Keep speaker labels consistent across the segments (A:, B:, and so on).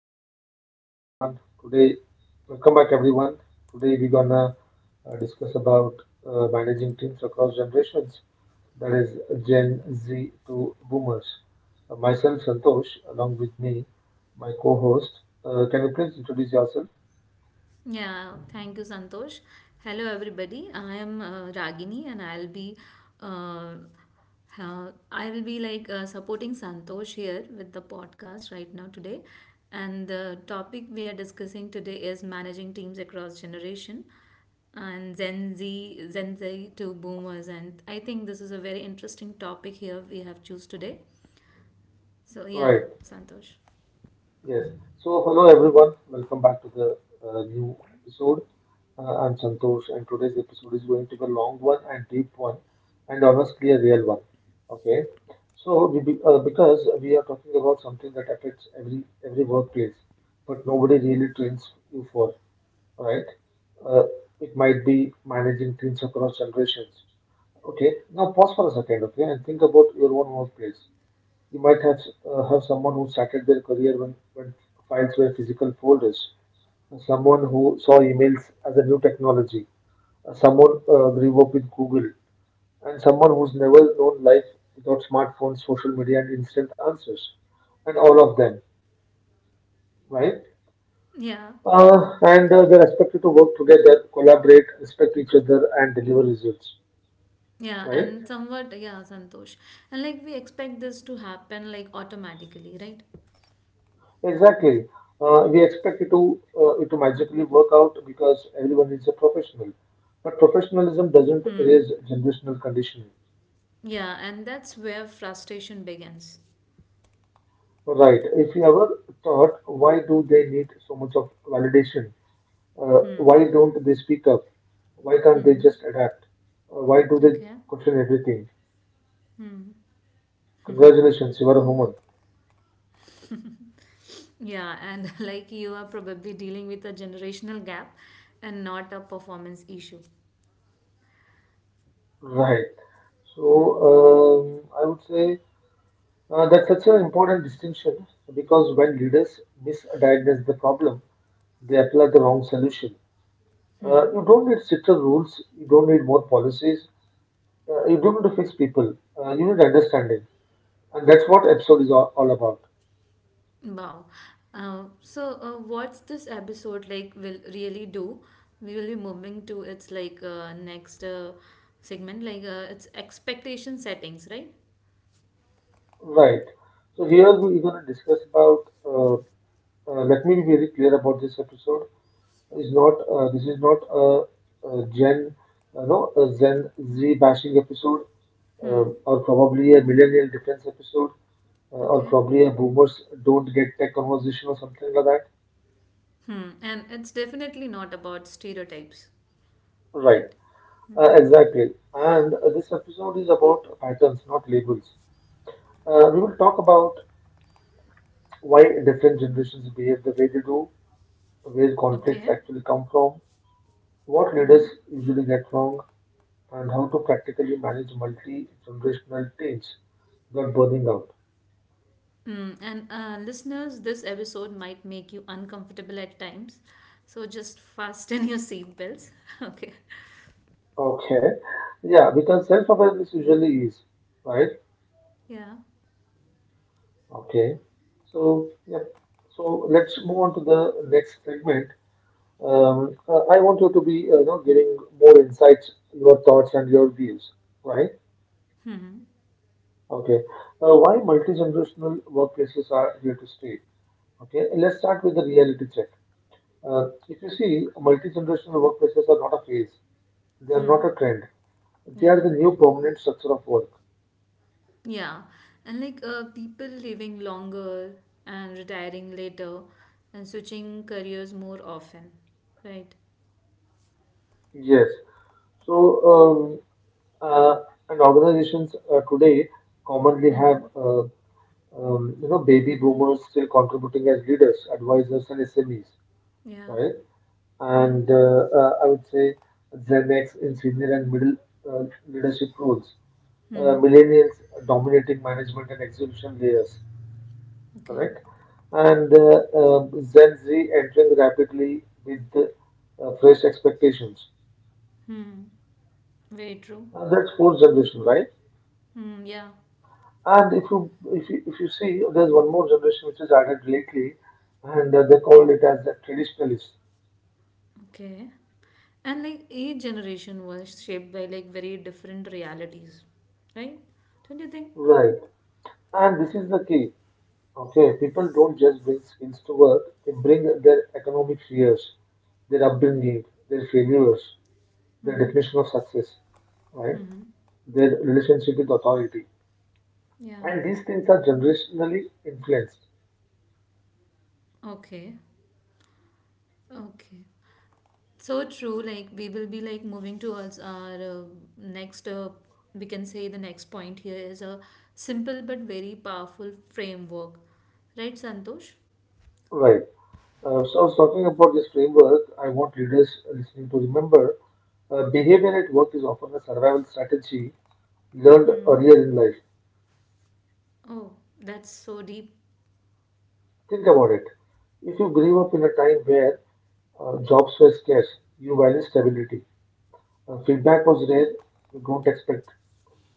A: welcome back everyone. Today, welcome back everyone. Today we're gonna discuss about managing teams across generations, that is Gen Z to Boomers. Myself, Santosh, along with me, my co-host. Can you please introduce yourself?
B: Yeah, thank you, Santosh. Hello, everybody. I am Ragini, and uh, I will be like supporting Santosh here with the podcast right now today. And the topic we are discussing today is managing teams across generation and Gen Z to boomers. And I think this is a very interesting topic here we have choose today. So
A: Right.
B: yeah, Santosh.
A: Yes. So, hello everyone. Welcome back to the new episode. I'm Santosh, and today's episode is going to be a long one and deep one, and honestly, a real one. Okay. Because we are talking about something that affects every workplace, but nobody really trains you for, right? Uh, it might be managing teams across generations. Okay. Now, pause for a second, okay, and think about your own workplace. You might have someone who started their career when files were physical folders, someone who saw emails as a new technology, someone grew up with Google, and someone who's never known life without smartphones, social media, and instant answers, and all of them, right?
B: Yeah.
A: And They're expected to work together, collaborate, respect each other, and deliver results,
B: Yeah,
A: right?
B: and somewhat, yeah, Santosh. And like we expect this to happen like automatically, right?
A: Exactly. We expect it to magically work out because everyone is a professional. But professionalism doesn't
B: Hmm.
A: erase generational conditioning.
B: Yeah, and that's where frustration begins.
A: Right. If you ever thought, why do they need so much of validation?
B: Hmm.
A: Why don't they speak up? Why can't they
B: Mm-hmm.
A: just adapt? Why do they
B: Okay.
A: question everything? Congratulations, you are a woman.
B: Yeah, and like you are probably dealing with a generational gap and not a performance issue.
A: Right. So
B: Hmm.
A: I would say. That's such an important distinction because when leaders misdiagnose the problem, they apply the wrong solution.
B: Hmm.
A: You don't need stricter rules, you don't need more policies, you don't need to fix people, you need understanding. And that's what episode is all about.
B: Wow. So, what's this episode like will really do? We will be moving to its like next segment, like its expectation settings, right?
A: Right. So here we are going to discuss about. Let me be very clear about this episode. Is not This is not a, a Gen, no, a Gen Z bashing episode or probably a millennial difference episode, or
B: Okay.
A: probably a boomers don't get tech conversation or something like that.
B: Hmm. And it's definitely not about stereotypes.
A: Right.
B: Right. Hmm.
A: Exactly. And this episode is about patterns, not labels. We will talk about why different generations behave the way they do, where conflicts
B: Okay.
A: actually come from, what leaders
B: Hmm.
A: usually get wrong, and how to practically manage multi-generational teams without burning out.
B: Mm. And listeners, this episode might make you uncomfortable at times. So just fasten your seatbelts. Okay.
A: Okay. Yeah, because self-awareness usually is, right?
B: Yeah.
A: Okay, so yeah, so let's move on to the next segment. I want you to be you know, giving more insights, your thoughts and your views, right?
B: Hmm.
A: Okay, why multi-generational workplaces are here to stay? Okay, let's start with the reality check. If you see, multi-generational workplaces are not a phase; they are not
B: Hmm.
A: a trend. They are
B: Yeah.
A: the new permanent structure of work.
B: Yeah. And like people living longer and retiring later and switching careers more often. Right.
A: Yes. So, um, uh, and organizations today commonly have
B: Hmm.
A: you know, baby boomers still contributing as leaders, advisors, and SMEs,
B: Yeah.
A: right?
B: Yeah.
A: And I would say Gen X in senior and middle leadership roles,
B: Hmm.
A: millennials dominating management and execution layers,
B: Okay.
A: correct? And Gen Z entering rapidly with fresh expectations.
B: Hmm. Very true.
A: And that's fourth generation, right?
B: Hmm, yeah,
A: And if you see, there's one more generation which is added lately, and they call it as the traditionalists.
B: okay. And like each generation was shaped by like very different realities, right? Don't you think?
A: Right. And this is the key. Okay, people don't just bring skills to work, they bring their economic fears, their upbringing, their failures, their
B: Hmm,
A: definition of success, right?
B: hmm.
A: Their relationship with authority.
B: Yeah,
A: And these things are generationally influenced.
B: okay, okay. So true, like we will be like moving towards our next, we can say the next point here is a simple but very powerful framework, right, Santosh?
A: Right. So I was talking about this framework. I want leaders listening to remember behavior at work is often a survival strategy learned
B: Hmm.
A: earlier in life.
B: Oh, that's so deep.
A: Think about it. If you grew up in a time where jobs were scarce, you valued stability. Feedback was rare, you don't expect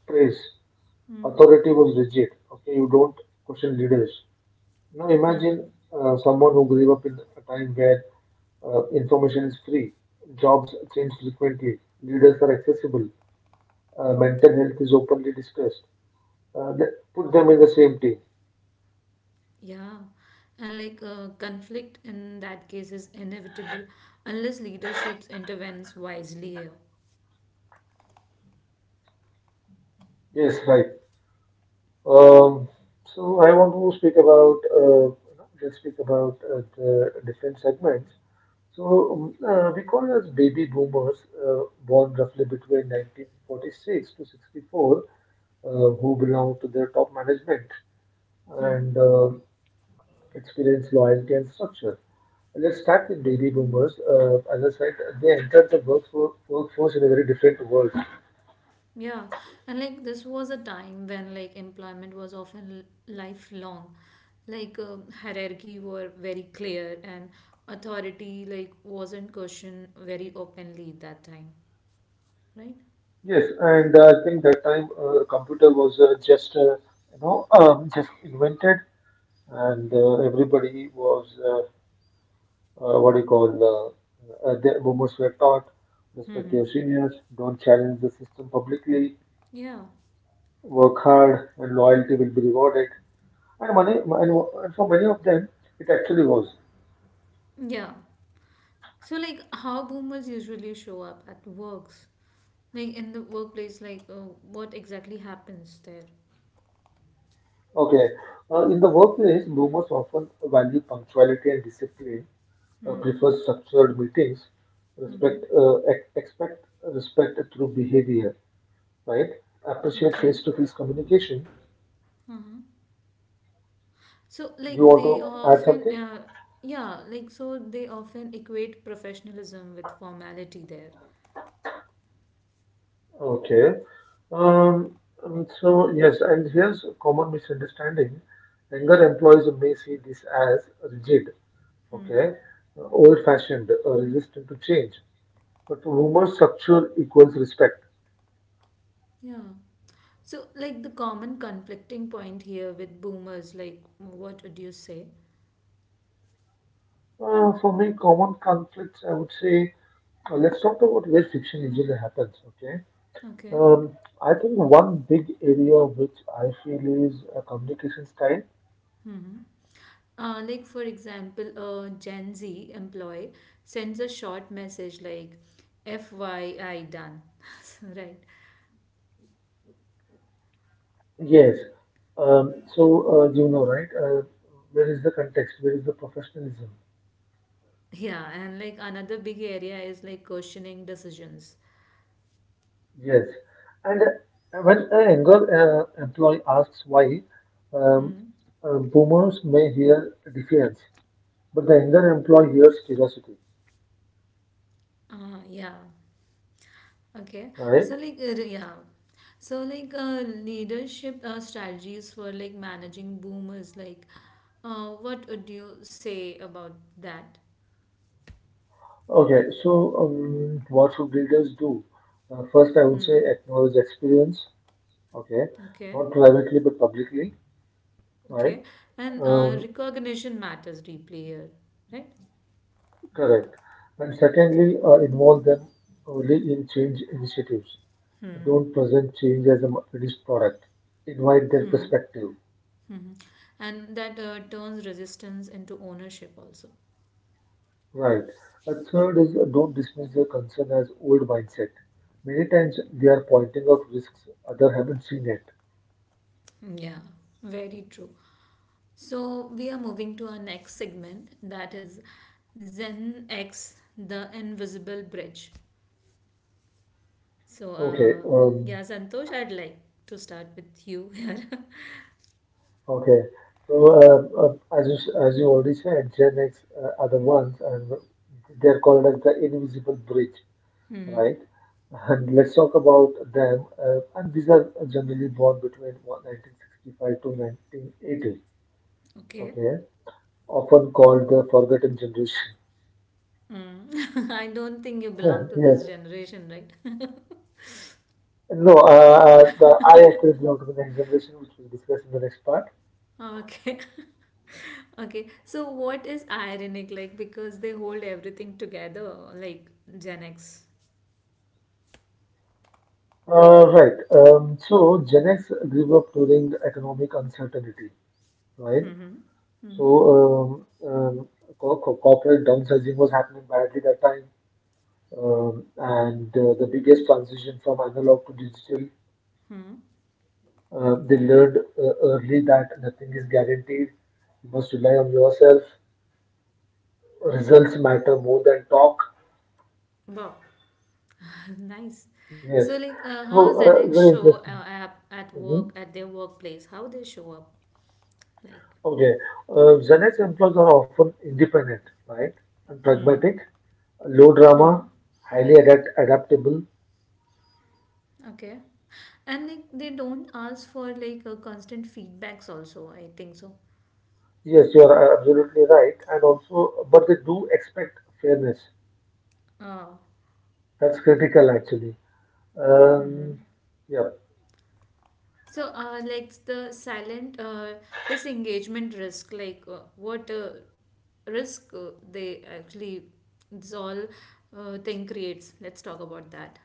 A: praise.
B: Hmm.
A: Authority was rigid, okay, you don't question leaders. Now
B: Hmm, hmm.
A: imagine someone who grew up in a time where information is free, jobs change frequently, leaders are accessible, mental health is openly discussed. Put them in the same team.
B: Yeah, and like conflict in that case is inevitable unless leaderships intervenes wisely here.
A: Yes, right. Um, so I want to speak about you know, let speak about the different segments. We call as baby boomers, born roughly between 1946 to 64, who belong to the top management
B: Hmm.
A: and experience loyalty and structure. Let's start with baby boomers. As I said, they entered the workforce in a very different world.
B: Yeah, and like this was a time when like employment was often lifelong, like hierarchy were very clear and authority like wasn't questioned very openly at that time, right?
A: Yes, and I think that time computer was just you know just invented, and everybody was what do you call the boomers were taught, respect
B: Mm-hmm.
A: your seniors, don't challenge the system publicly,
B: Yeah,
A: work hard, and loyalty will be rewarded. And for many of them, it actually was
B: yeah. So like how boomers usually show up at works. Like in the workplace, like what exactly happens there?
A: okay. In the workplace, boomers often value punctuality and discipline,
B: Hmm.
A: prefer structured meetings,
B: Mm-hmm.
A: expect respect through behavior, right? Appreciate
B: Okay.
A: face-to-face communication.
B: So
A: Do you
B: like
A: want
B: they
A: to add
B: often,
A: something?
B: uh, yeah, like so they often equate professionalism with formality there.
A: Okay. Um, so yes, and here's a common misunderstanding. Younger employees may see this as rigid,
B: Hmm.
A: okay, old-fashioned, resistant to change. But for boomers, structure equals respect.
B: Yeah. So like the common conflicting point here with boomers, like what would you say?
A: For me, common conflicts, I would say, let's talk about where friction usually happens, okay?
B: Okay.
A: I think one big area which I feel is communication style.
B: Mm-hmm. Like for example, a Gen Z employee sends a short message like FYI done, right?
A: Yes. You know, right? Where is the context? Where is the professionalism?
B: Yeah, and like another big area is like questioning decisions.
A: Yes. And when a younger employee asks why, um,
B: Hmm.
A: boomers may hear defiance, but the younger employee hears curiosity,
B: Yeah. Okay.
A: right?
B: Yeah. So like leadership strategies for like managing boomers. Like, what would you say about that?
A: Okay, so what should leaders do? First, I would say
B: Hmm.
A: acknowledge experience. Okay,
B: Okay.
A: not privately but publicly,
B: Okay.
A: right?
B: And
A: Um,
B: recognition matters deeply here, right?
A: Correct. And
B: Yeah.
A: secondly, involve them early in change initiatives.
B: Hmm.
A: Don't present change as a finished product. Invite their
B: Hmm.
A: perspective.
B: Hmm. And that turns resistance into ownership also.
A: Right. A third is don't dismiss their concern as old mindset. Many times they are pointing out risks others haven't seen yet.
B: Yeah. Very true. So we are moving to our next segment, that is Zen X, the invisible bridge. So
A: Okay.
B: uh,
A: Um,
B: yeah, Santosh, I'd like to start with you here.
A: Okay. As you as you already said, Gen X are the ones, and they're called as the invisible bridge,
B: Hmm.
A: right? And let's talk about them. And these are generally born between one 1965 to 1980.
B: Okay.
A: Okay, often called the forgotten generation.
B: Mm. I don't think you belong to
A: Yes.
B: this generation, right?
A: No, the, I actually belong to the next generation, which we'll discuss in the next part.
B: Okay. Okay. So what is ironic, like, because they hold everything together like Gen X.
A: Right. So Gen X grew up during economic uncertainty, right?
B: Hmm.
A: So
B: Hmm.
A: um, um, Corporate downsizing was happening badly that time, and the biggest transition from analog to digital. They learned early that nothing is guaranteed. You must rely on yourself. Results matter more than talk.
B: Wow. Nice.
A: Yes.
B: So, like, how's
A: So
B: the next
A: very
B: show
A: interesting.
B: app at work
A: Mhm.
B: at their workplace? How they show up, like,
A: Okay. Gen X employees are often independent, right, and
B: Hmm.
A: pragmatic, low drama, highly adaptable.
B: Okay, and like they don't ask for like a constant feedbacks. Also, I think so.
A: Yes, you are absolutely right. And also, but they do expect fairness.
B: Uh,
A: That's critical, actually. Um, yeah.
B: so, like the silent disengagement risk, like what risk they actually this all thing creates. Let's talk about that.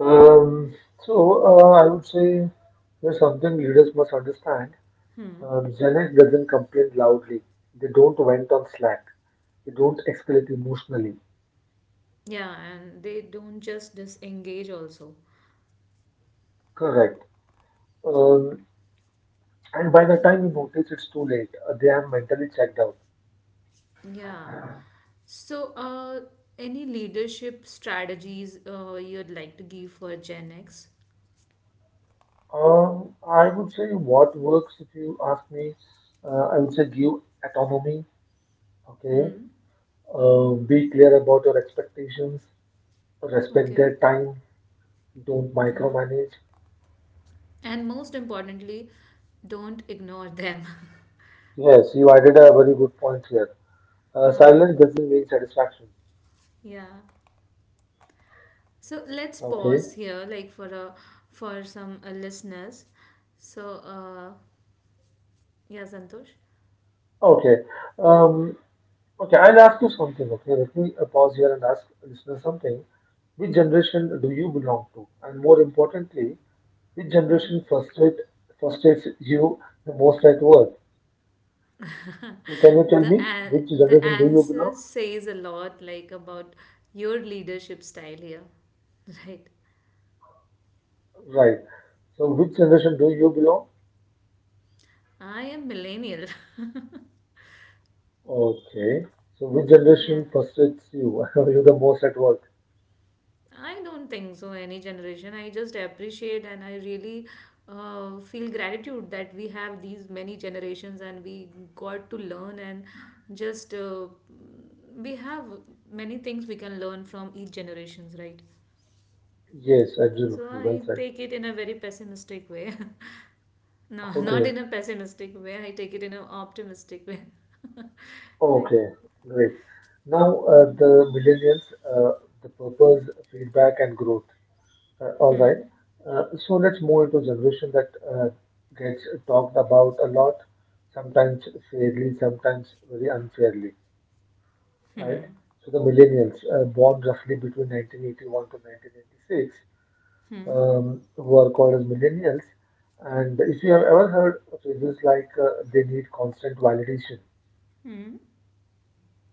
A: Um, I would say there's something leaders must understand.
B: Hmm.
A: Gen X doesn't complain loudly. They don't vent on Slack. They don't escalate emotionally.
B: Yeah, and they don't just disengage also.
A: Correct. Um, and by the time you notice it's too late, they have mentally checked out.
B: Yeah. So, any leadership strategies you'd like to give for Gen X?
A: I would say what works if you ask me, I would say give autonomy. Okay.
B: Hmm.
A: Be clear about your expectations. Respect
B: Okay.
A: their time. Don't
B: Yeah.
A: micromanage.
B: And most importantly, don't ignore them.
A: Yes, you added a very good point here.
B: uh,
A: Silence doesn't mean satisfaction.
B: yeah. So let's pause
A: Okay.
B: here, like for some listeners. So, uh, yeah, Santosh.
A: Okay. Um, okay. I'll ask you something. Okay. Let me pause here and ask listeners something. Which generation do you belong to? And more importantly, which
B: Hmm.
A: frustrates you the most at work? So, can you tell me
B: The an-
A: which
B: the
A: generation do you
B: answer
A: belong?
B: says a lot, like about your leadership style here, right?
A: Right. So, which generation do you belong?
B: I am millennial.
A: Okay. So which
B: Yeah.
A: generation frustrates you? you the most at work.
B: I don't think so, any generation. I just appreciate and I really feel gratitude that we have these many generations and we got to learn and just we have many things we can learn from each generations, right?
A: Yes,
B: So
A: absolutely. Well
B: I
A: said.
B: take it in a very pessimistic way. No, not
A: Okay.
B: in a pessimistic way. I take it in an optimistic way. Right.
A: Okay. Great. Now the millennials, the purpose, feedback, and growth. All right. So let's move into generation that gets talked about a lot, sometimes fairly, sometimes very unfairly. Right. So the millennials, born roughly between 1981 to 1986,
B: Hmm.
A: who are called as millennials. And if you have ever heard phrases like they need constant validation,
B: Hmm.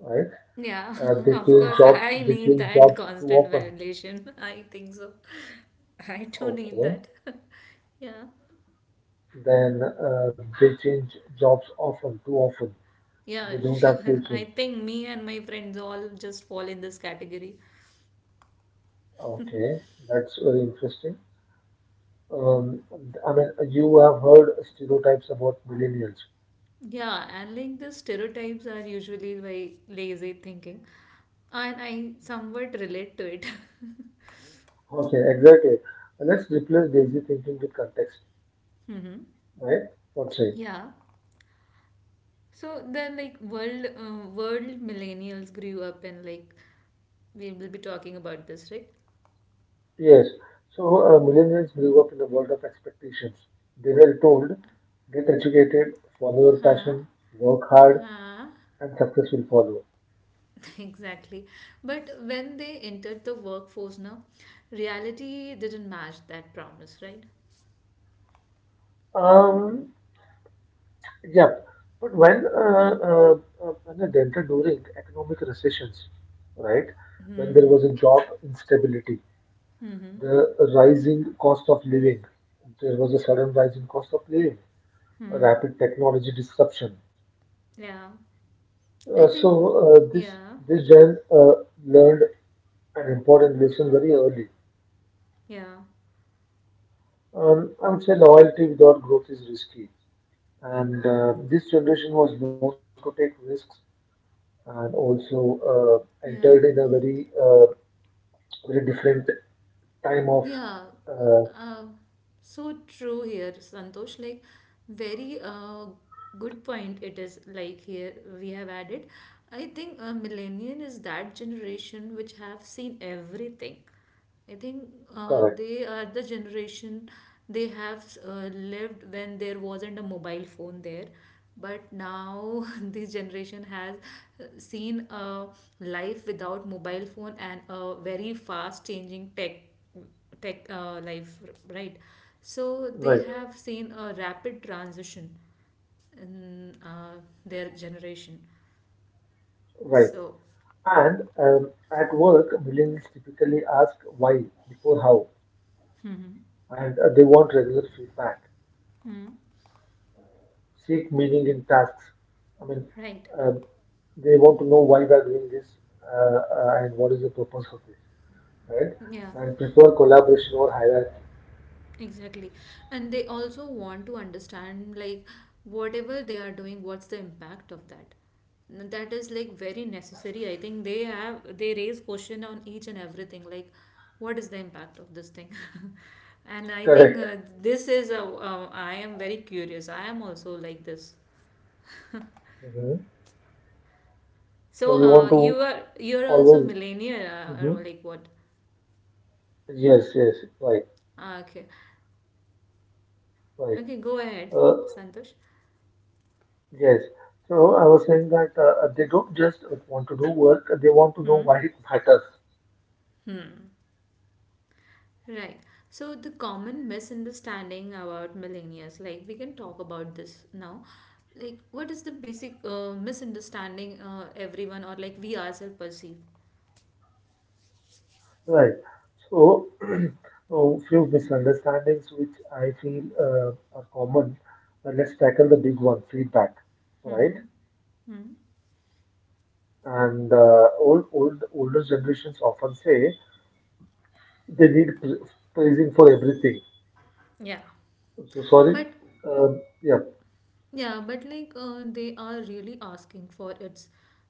A: right?
B: Yeah,
A: They
B: of
A: change
B: course,
A: jobs.
B: I
A: They
B: need
A: change
B: that
A: jobs too
B: constant
A: often.
B: validation. I think so. I too need
A: Okay.
B: that. Yeah,
A: Then they change jobs often, too often. They
B: yeah,
A: don't have
B: sure. I
A: patience.
B: think me and my friends all just fall in this category.
A: Okay, that's very interesting. Um, I mean, you have heard stereotypes about millennials.
B: Yeah, and like the stereotypes are usually by lazy thinking, and I somewhat relate to it.
A: Okay, exactly. Let's replace lazy thinking with context,
B: Mm-hmm.
A: right? What say?
B: Yeah. So world millennials grew up and like we will be talking about this, right?
A: Yes. So millennials grew up in a world of expectations. They were told, get educated, follow your
B: Huh?
A: passion, work hard,
B: Huh?
A: and success will follow.
B: Exactly. But when they entered the workforce now, reality didn't match that promise, right?
A: Um, yeah. But when they entered during economic recessions, right? When there
B: Mm-hmm.
A: was a job instability, the rising cost of living, there was a sudden rise in cost of living, a rapid technology disruption.
B: Yeah. I think,
A: This
B: yeah,
A: this gen learned an important lesson very early.
B: yeah,
A: I would say loyalty without growth is risky, and this generation was known to take risks and also entered
B: yeah,
A: in a very very different time of
B: yeah.
A: uh,
B: Uh, so true here, Santosh. Like, very good point it is, like, here we have added. I think a millennial is that generation which have seen everything. I think
A: correct,
B: they are the generation, they have lived when there wasn't a mobile phone there. But now this generation has seen a life without mobile phone and a very fast changing tech life, right? So they
A: right,
B: have seen a rapid transition in their generation.
A: right.
B: So,
A: And at work millennials typically ask why before how,
B: hmm,
A: and they want regular feedback, seek meaning in tasks. I mean,
B: right.
A: uh, they want to know why we are doing this, uh, and what is the purpose of this, right?
B: Yeah.
A: And prefer collaboration over hierarchy.
B: Exactly. And they also want to understand, like, whatever they are doing, what's the impact of that? That is like very necessary. I think they raise question on each and everything, like, what is the impact of this thing? And I think
A: Correct.
B: this is a I am very curious. I am also like this.
A: Hmm. So
B: So
A: you want
B: uh,
A: to
B: you are also
A: always.
B: millennial
A: Hmm.
B: or like what?
A: Yes, yes, right,
B: Ah, okay,
A: right.
B: okay, go ahead,
A: Uh,
B: Santosh.
A: yes. So I was saying that they don't just want to do work; they want to know
B: Hmm.
A: why it matters.
B: Hmm. Right. So the common misunderstanding about millennials, like we can talk about this now. Like, what is the basic misunderstanding everyone or like we ourselves perceive?
A: Right. So, a few misunderstandings which I feel are common. Let's tackle the big one, feedback, right?
B: Mm-hmm. Hmm.
A: And older generations often say they need praising for everything.
B: Yeah.
A: So sorry.
B: But
A: Yeah,
B: Yeah, but like they are really asking for its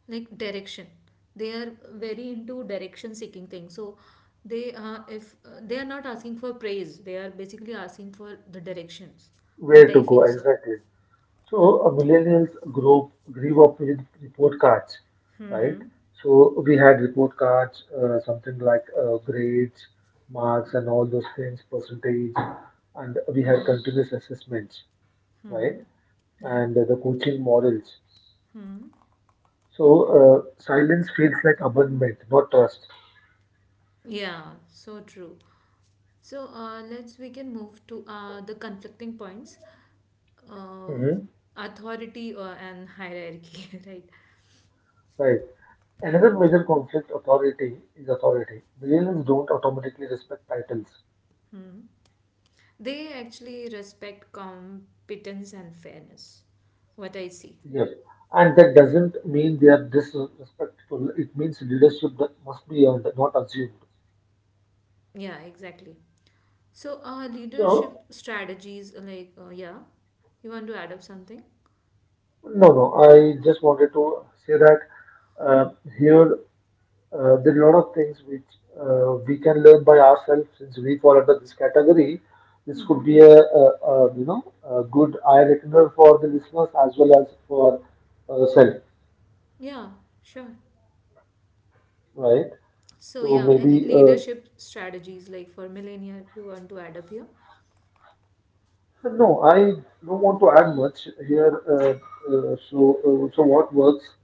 B: like direction. They are very into direction seeking things. So they if they are not asking for praise, they are basically asking for the directions. What
A: where to
B: I
A: go
B: feel so.
A: exactly? So millennials grew up with report cards, right?
B: Mm-hmm.
A: So we had report cards, something like grades, marks, and all those things, percentage, and we had
B: Mm-hmm.
A: continuous assessments, right?
B: Yeah.
A: And the coaching models. So silence feels like abandonment, not trust.
B: Yeah, so true. So, let's we can move to the conflicting points, uh,
A: Hmm.
B: authority and hierarchy, right?
A: Right. Another major conflict authority is authority. Millennials don't automatically respect titles.
B: They actually respect competence and fairness. What I see.
A: Yes, and that doesn't mean they are disrespectful. It means leadership that must be earned, not assumed.
B: Yeah, exactly. So, leadership
A: So,
B: strategies, yeah, you want to add up something?
A: no, no, I just wanted to say that uh, here there are a lot of things which we can learn by ourselves since we fall under this category. This could be a you know a good eye opener for the listeners as well as for self,
B: Yeah, sure.
A: right?
B: So
A: So
B: yeah, any
A: maybe
B: leadership strategies like for millennial, you want to add up here?
A: no, I don't want to add much here. So what works?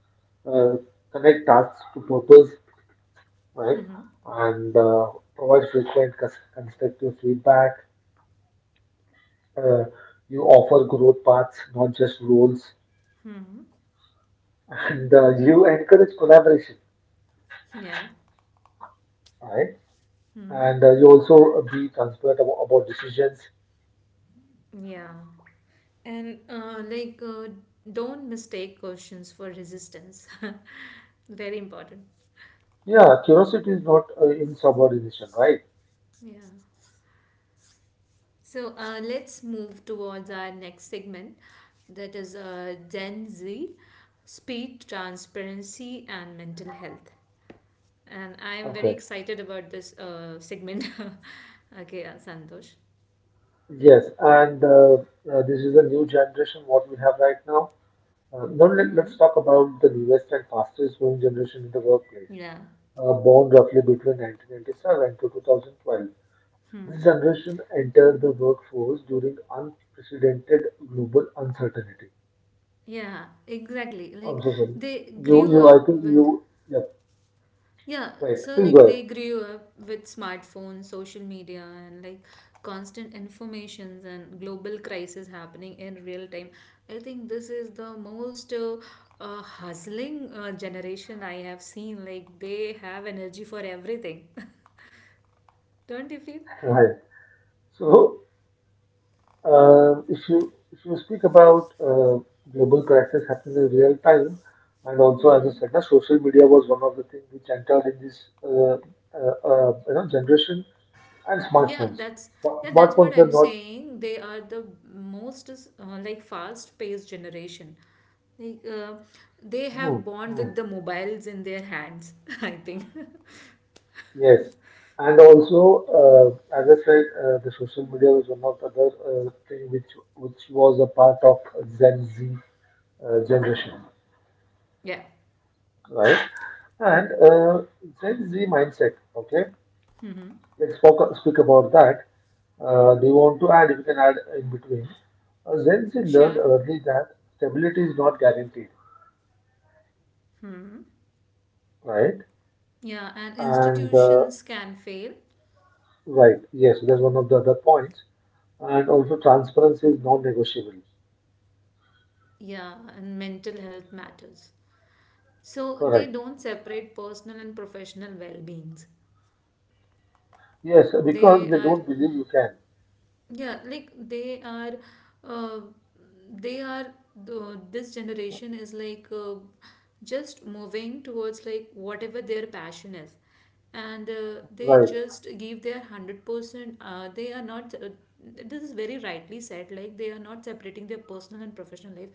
A: Uh, connect tasks to purpose, right? And provide frequent constructive feedback. Uh, you offer growth paths, not just roles,
B: Hmm.
A: and you encourage collaboration,
B: Yeah.
A: right?
B: Hmm.
A: And you also be transparent about decisions.
B: Yeah. And like, don't mistake questions for resistance. Very important.
A: Yeah, curiosity is not insubordination, right?
B: Yeah. So let's move towards our next segment, that is Gen Z: speed, transparency, and mental health. And I am very
A: Okay.
B: excited about this segment. Okay, Santosh.
A: Yes, and this is a new generation what we have right now. Now let's
B: Hmm.
A: talk about the newest and fastest growing generation in the workplace,
B: Yeah.
A: born roughly between 1997 to 2012. This generation entered the workforce during unprecedented global uncertainty.
B: Yeah, exactly.
A: I'm
B: Like
A: so sorry.
B: they grew
A: I
B: up
A: think
B: with.
A: you, yeah,
B: Yeah,
A: right.
B: so
A: Please
B: like they
A: go
B: grew up with smartphones, social media, and like constant informations and global crisis happening in real time. I think this is the most hustling generation I have seen. Like they have energy for everything. Don't you feel?
A: ahead. Right. So um, if you speak about global crisis happening in real time, and also as I
B: Hmm.
A: said, social media was one of the things which entered in this you know generation and
B: Yeah,
A: smartphones.
B: that's what
A: Smartphones were
B: I'm
A: not.
B: saying. They are the most like fast-paced generation. Like they
A: Hmm,
B: have bond
A: hmm,
B: with the mobiles in their hands, I think.
A: yes, and also as I said, the social media was one of the other thing which was a part of Gen Z generation,
B: Yeah,
A: right? And Gen Z mindset. Okay, let's speak about that. They want to add, we can add in between. Gen Z learned
B: sure.
A: early that stability is not guaranteed,
B: Hmm.
A: right?
B: Yeah, and
A: And
B: institutions can fail.
A: right, yes, that's one of the other points. And also, transparency is non-negotiable.
B: Yeah, and mental health matters. So they
A: Correct.
B: don't separate personal and professional well beings.
A: Yes, because
B: They
A: they
B: are.
A: don't believe you can.
B: Yeah, like uh, they are, the this generation is like just moving towards like whatever their passion is. And
A: Right.
B: they just give their 100%. They are not, This is very rightly said, like they are not separating their personal and professional life.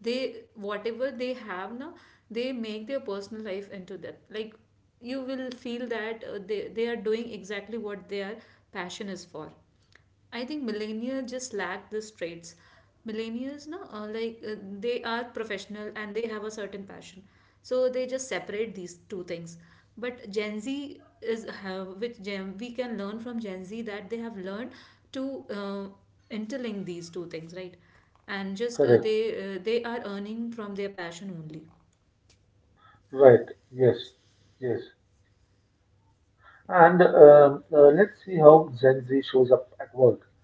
B: Whatever they have now, they make their personal life into that. Like you will feel that they are doing exactly what their passion is for. I think millennials just lack these traits. Millennials, no, like they are professional and they have a certain passion, so they just separate these two things. But Gen Z is have which Gen we can learn from Gen Z that they have learned to uh, interlink these two things, right? And just,
A: Correct.
B: they are earning from their passion only.
A: Right. Yes. Yes. And let's see how Gen Z shows up at work.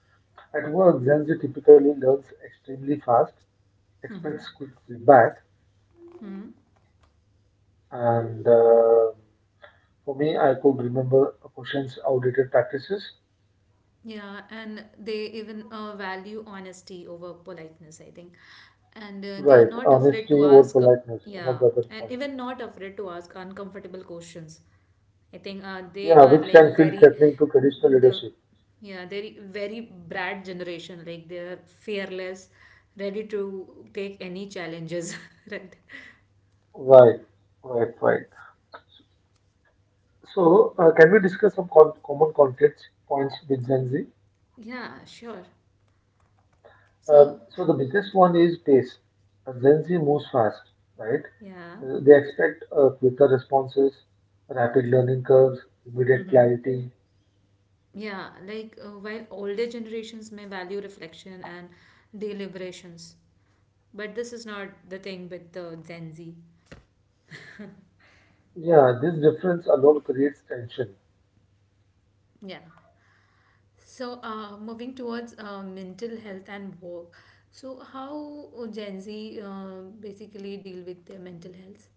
A: At work, Gen Z typically learns extremely fast,
B: Mm-hmm.
A: expects quick feedback.
B: Mm-hmm.
A: And for me, I could remember a question's outdated practices.
B: Yeah, and they even value honesty over politeness, I think. And they are
A: Right,
B: not afraid to
A: honesty or
B: ask,
A: politeness, one
B: yeah,
A: of the other
B: and
A: points.
B: even not afraid to ask uncomfortable questions. I think they
A: Yeah,
B: are
A: which
B: like
A: can feel
B: very,
A: threatening to traditional
B: the,
A: leadership.
B: Yeah, they're very Brad generation. Like they're fearless, ready to take any challenges, right?
A: Right, right, right. So, can we discuss some common conflict points with Gen Z?
B: Yeah, sure. So,
A: So, the biggest one is pace. Gen Z moves fast, right?
B: yeah.
A: They expect quicker responses, rapid learning curves, immediate
B: Mm-hmm.
A: clarity.
B: Yeah, like while older generations may value reflection and deliberations, but this is not the thing with the Gen Z.
A: Yeah, this difference alone creates tension.
B: Yeah. So, moving towards mental health and work. So, how Gen Z basically deal with their mental health?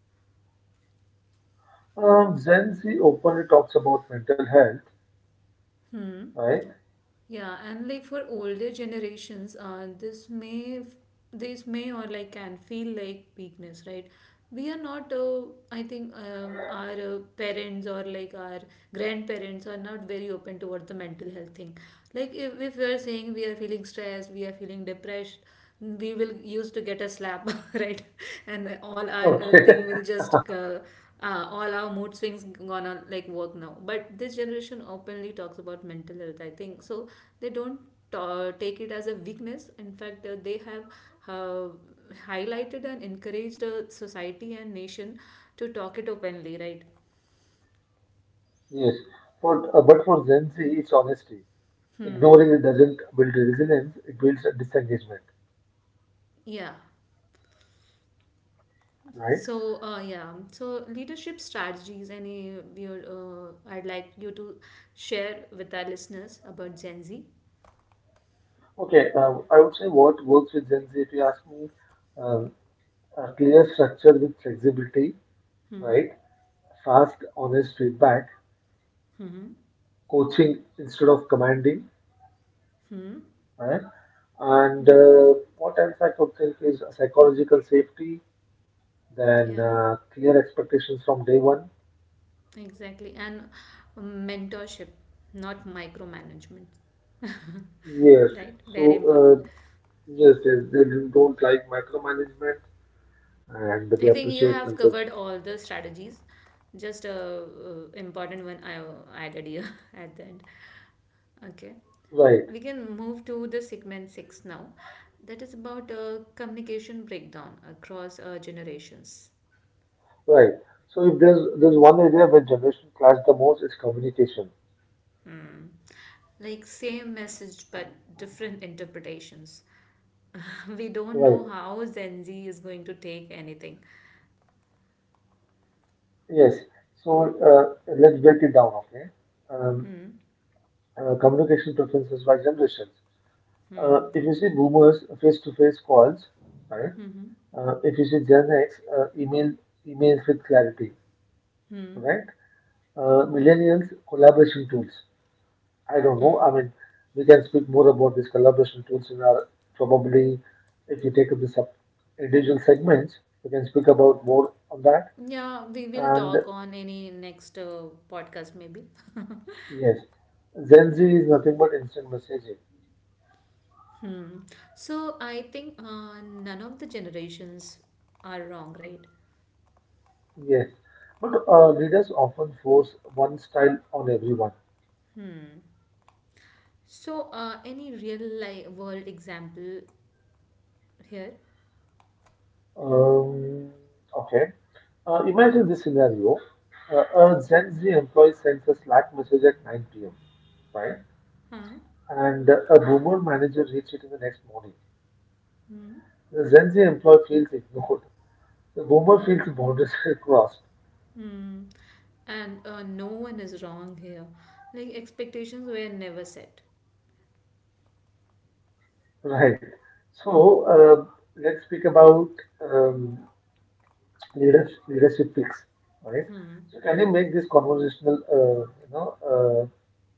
A: Gen Z openly talks about mental health,
B: Hmm.
A: right?
B: Yeah, and like for older generations, this this may or like can feel like weakness, right? We are not. I think, our parents or like our grandparents are not very open towards the mental health thing. Like if we are saying we are feeling stressed, we are feeling depressed, we will used to get a slap right, and all our
A: Okay.
B: thing will just all our mood swings gonna like work now. But this generation openly talks about mental health, I think so. They don't take it as a weakness. In fact, they have uh, highlighted and encouraged society and nation to talk it openly, right?
A: Yes. For, but for Gen Z, it's honesty.
B: Hmm.
A: Ignoring it doesn't build resilience, it builds disengagement,
B: Yeah.
A: right?
B: So so leadership strategies. Any your I'd like you to share with our listeners about Gen Z.
A: Okay, I would say what works with Gen Z, if you ask me, um, a clear structure with flexibility,
B: Hmm.
A: right? Fast, honest feedback,
B: Hmm.
A: coaching instead of commanding,
B: Hmm.
A: right? And
B: Hmm.
A: what else I could think is psychological safety, then
B: Yeah.
A: clear expectations from day one.
B: Exactly. And mentorship, not micromanagement.
A: Yes.
B: Right.
A: So,
B: Very important.
A: uh, yes, yes, they don't like micromanagement and they
B: I think you
A: appreciate
B: have
A: mentorship.
B: covered all the strategies. Just a important one I added here at the end. Okay.
A: Right,
B: We can move to the segment 6 now, that is about communication breakdown across generations.
A: right. So, if there's one area where generation clash the most is communication.
B: Hmm. Like same message but different interpretations. We don't know
A: Right.
B: how Gen Z is going to take anything.
A: Yes. So let's break it down, okay? Um,
B: Hmm.
A: communication preferences by generations. If you see boomers, face-to-face calls, right? If you see Gen X, emails with clarity,
B: Hmm.
A: right? Millennials, collaboration tools. I don't know.
B: Hmm.
A: I mean, we can speak more about these collaboration tools in our probably if you take up the sub individual segments, we can speak about more on that.
B: Yeah, we will
A: And
B: talk on any next podcast maybe.
A: yes, Gen Z is nothing but instant messaging.
B: Hmm. So I think none of the generations are wrong, right?
A: Yes, but leaders often force one style on everyone.
B: Hmm. So, any real life world example here?
A: Um, okay. Imagine this scenario. Uh, a Gen Z employee sends a Slack message at 9 p.m., right?
B: Huh?
A: And a boomer manager reads it in the next morning. The Gen Z employee feels ignored. The boomer feels boundaries crossed,
B: Hmm. And no one is wrong here. Like expectations were never set.
A: right? So um, let's speak about um, leadership, leadership fix, right? So can you make this conversational, you know,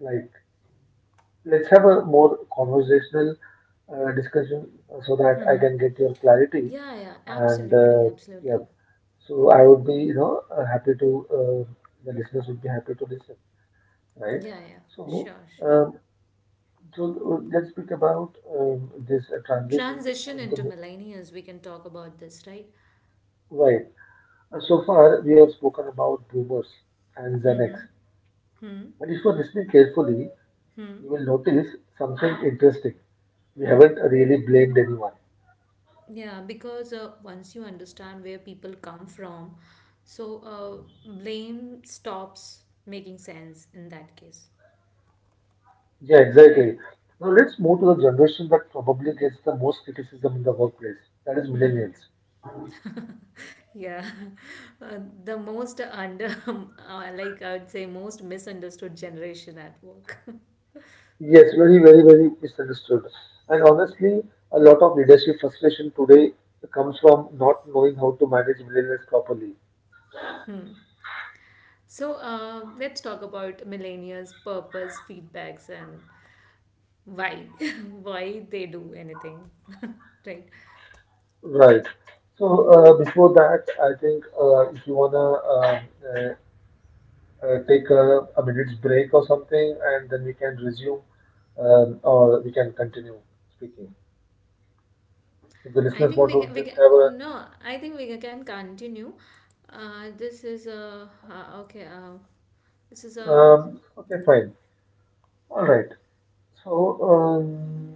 A: like, let's have a more conversational discussion so that I can get your clarity.
B: Yeah, yeah,
A: And
B: absolutely,
A: yeah,
B: absolutely.
A: so I would be, you know, happy to, the listeners would be happy to listen, right?
B: Yeah, yeah,
A: So,
B: sure, sure.
A: um, so let's speak about this transition
B: Transition into
A: into
B: millennials, we can talk about this, right?
A: right. So far, we have spoken about boomers and Gen X, but if you're listening carefully,
B: Hmm.
A: you will notice something interesting. We haven't really blamed anyone.
B: Yeah, because once you understand where people come from, so blame stops making sense in that case,
A: Yeah,
B: right?
A: exactly. Now let's move to the generation that probably gets the most criticism in the workplace. That is millennials.
B: Yeah. The most like I would say, most misunderstood generation at work.
A: Yes, very, very, very misunderstood. And honestly, a lot of leadership frustration today comes from not knowing how to manage millennials properly.
B: So let's talk about millennials' purpose, feedbacks, and why, why they do anything, right?
A: Right. So before that, I think if you wanna uh, take a minute's break or something, and then we can resume or we can continue speaking. If the
B: I
A: listeners
B: think
A: want
B: we can,
A: to just have a
B: no, I think we can continue. This is a, okay, this is a,
A: um, okay, fine. All right. So,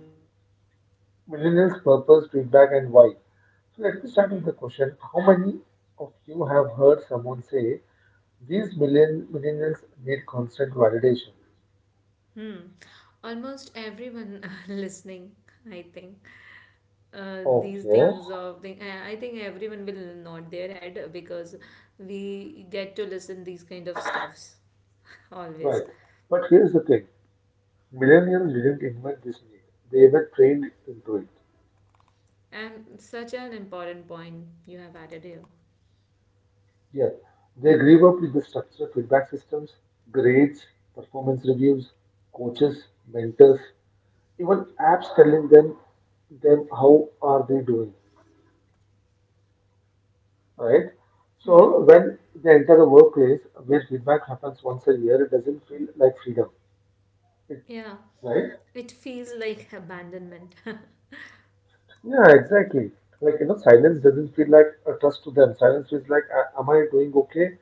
A: millennials' purpose, feedback, and why. So, let me start with
B: hmm.
A: the question: how many of you have heard someone say these million millennials need constant validation?
B: Hmm. Almost everyone listening, I think, these
A: Okay,
B: things of thing I think everyone will nod their head, because we get to listen these kind of stuffs always.
A: right. But here's the thing: millennials didn't invent this need; they were trained into it.
B: And such an important point you have added here.
A: Yes, they grew up with the structure of feedback systems, grades, performance reviews, coaches, mentors, even apps telling them how are they doing, right?
B: Hmm.
A: So when they enter the workplace where feedback happens once a year, it doesn't feel like freedom, it-
B: Yeah,
A: right?
B: it feels like abandonment.
A: Yeah, exactly. Like you know, silence doesn't feel like a trust to them. Silence feels like, "A- am I doing okay,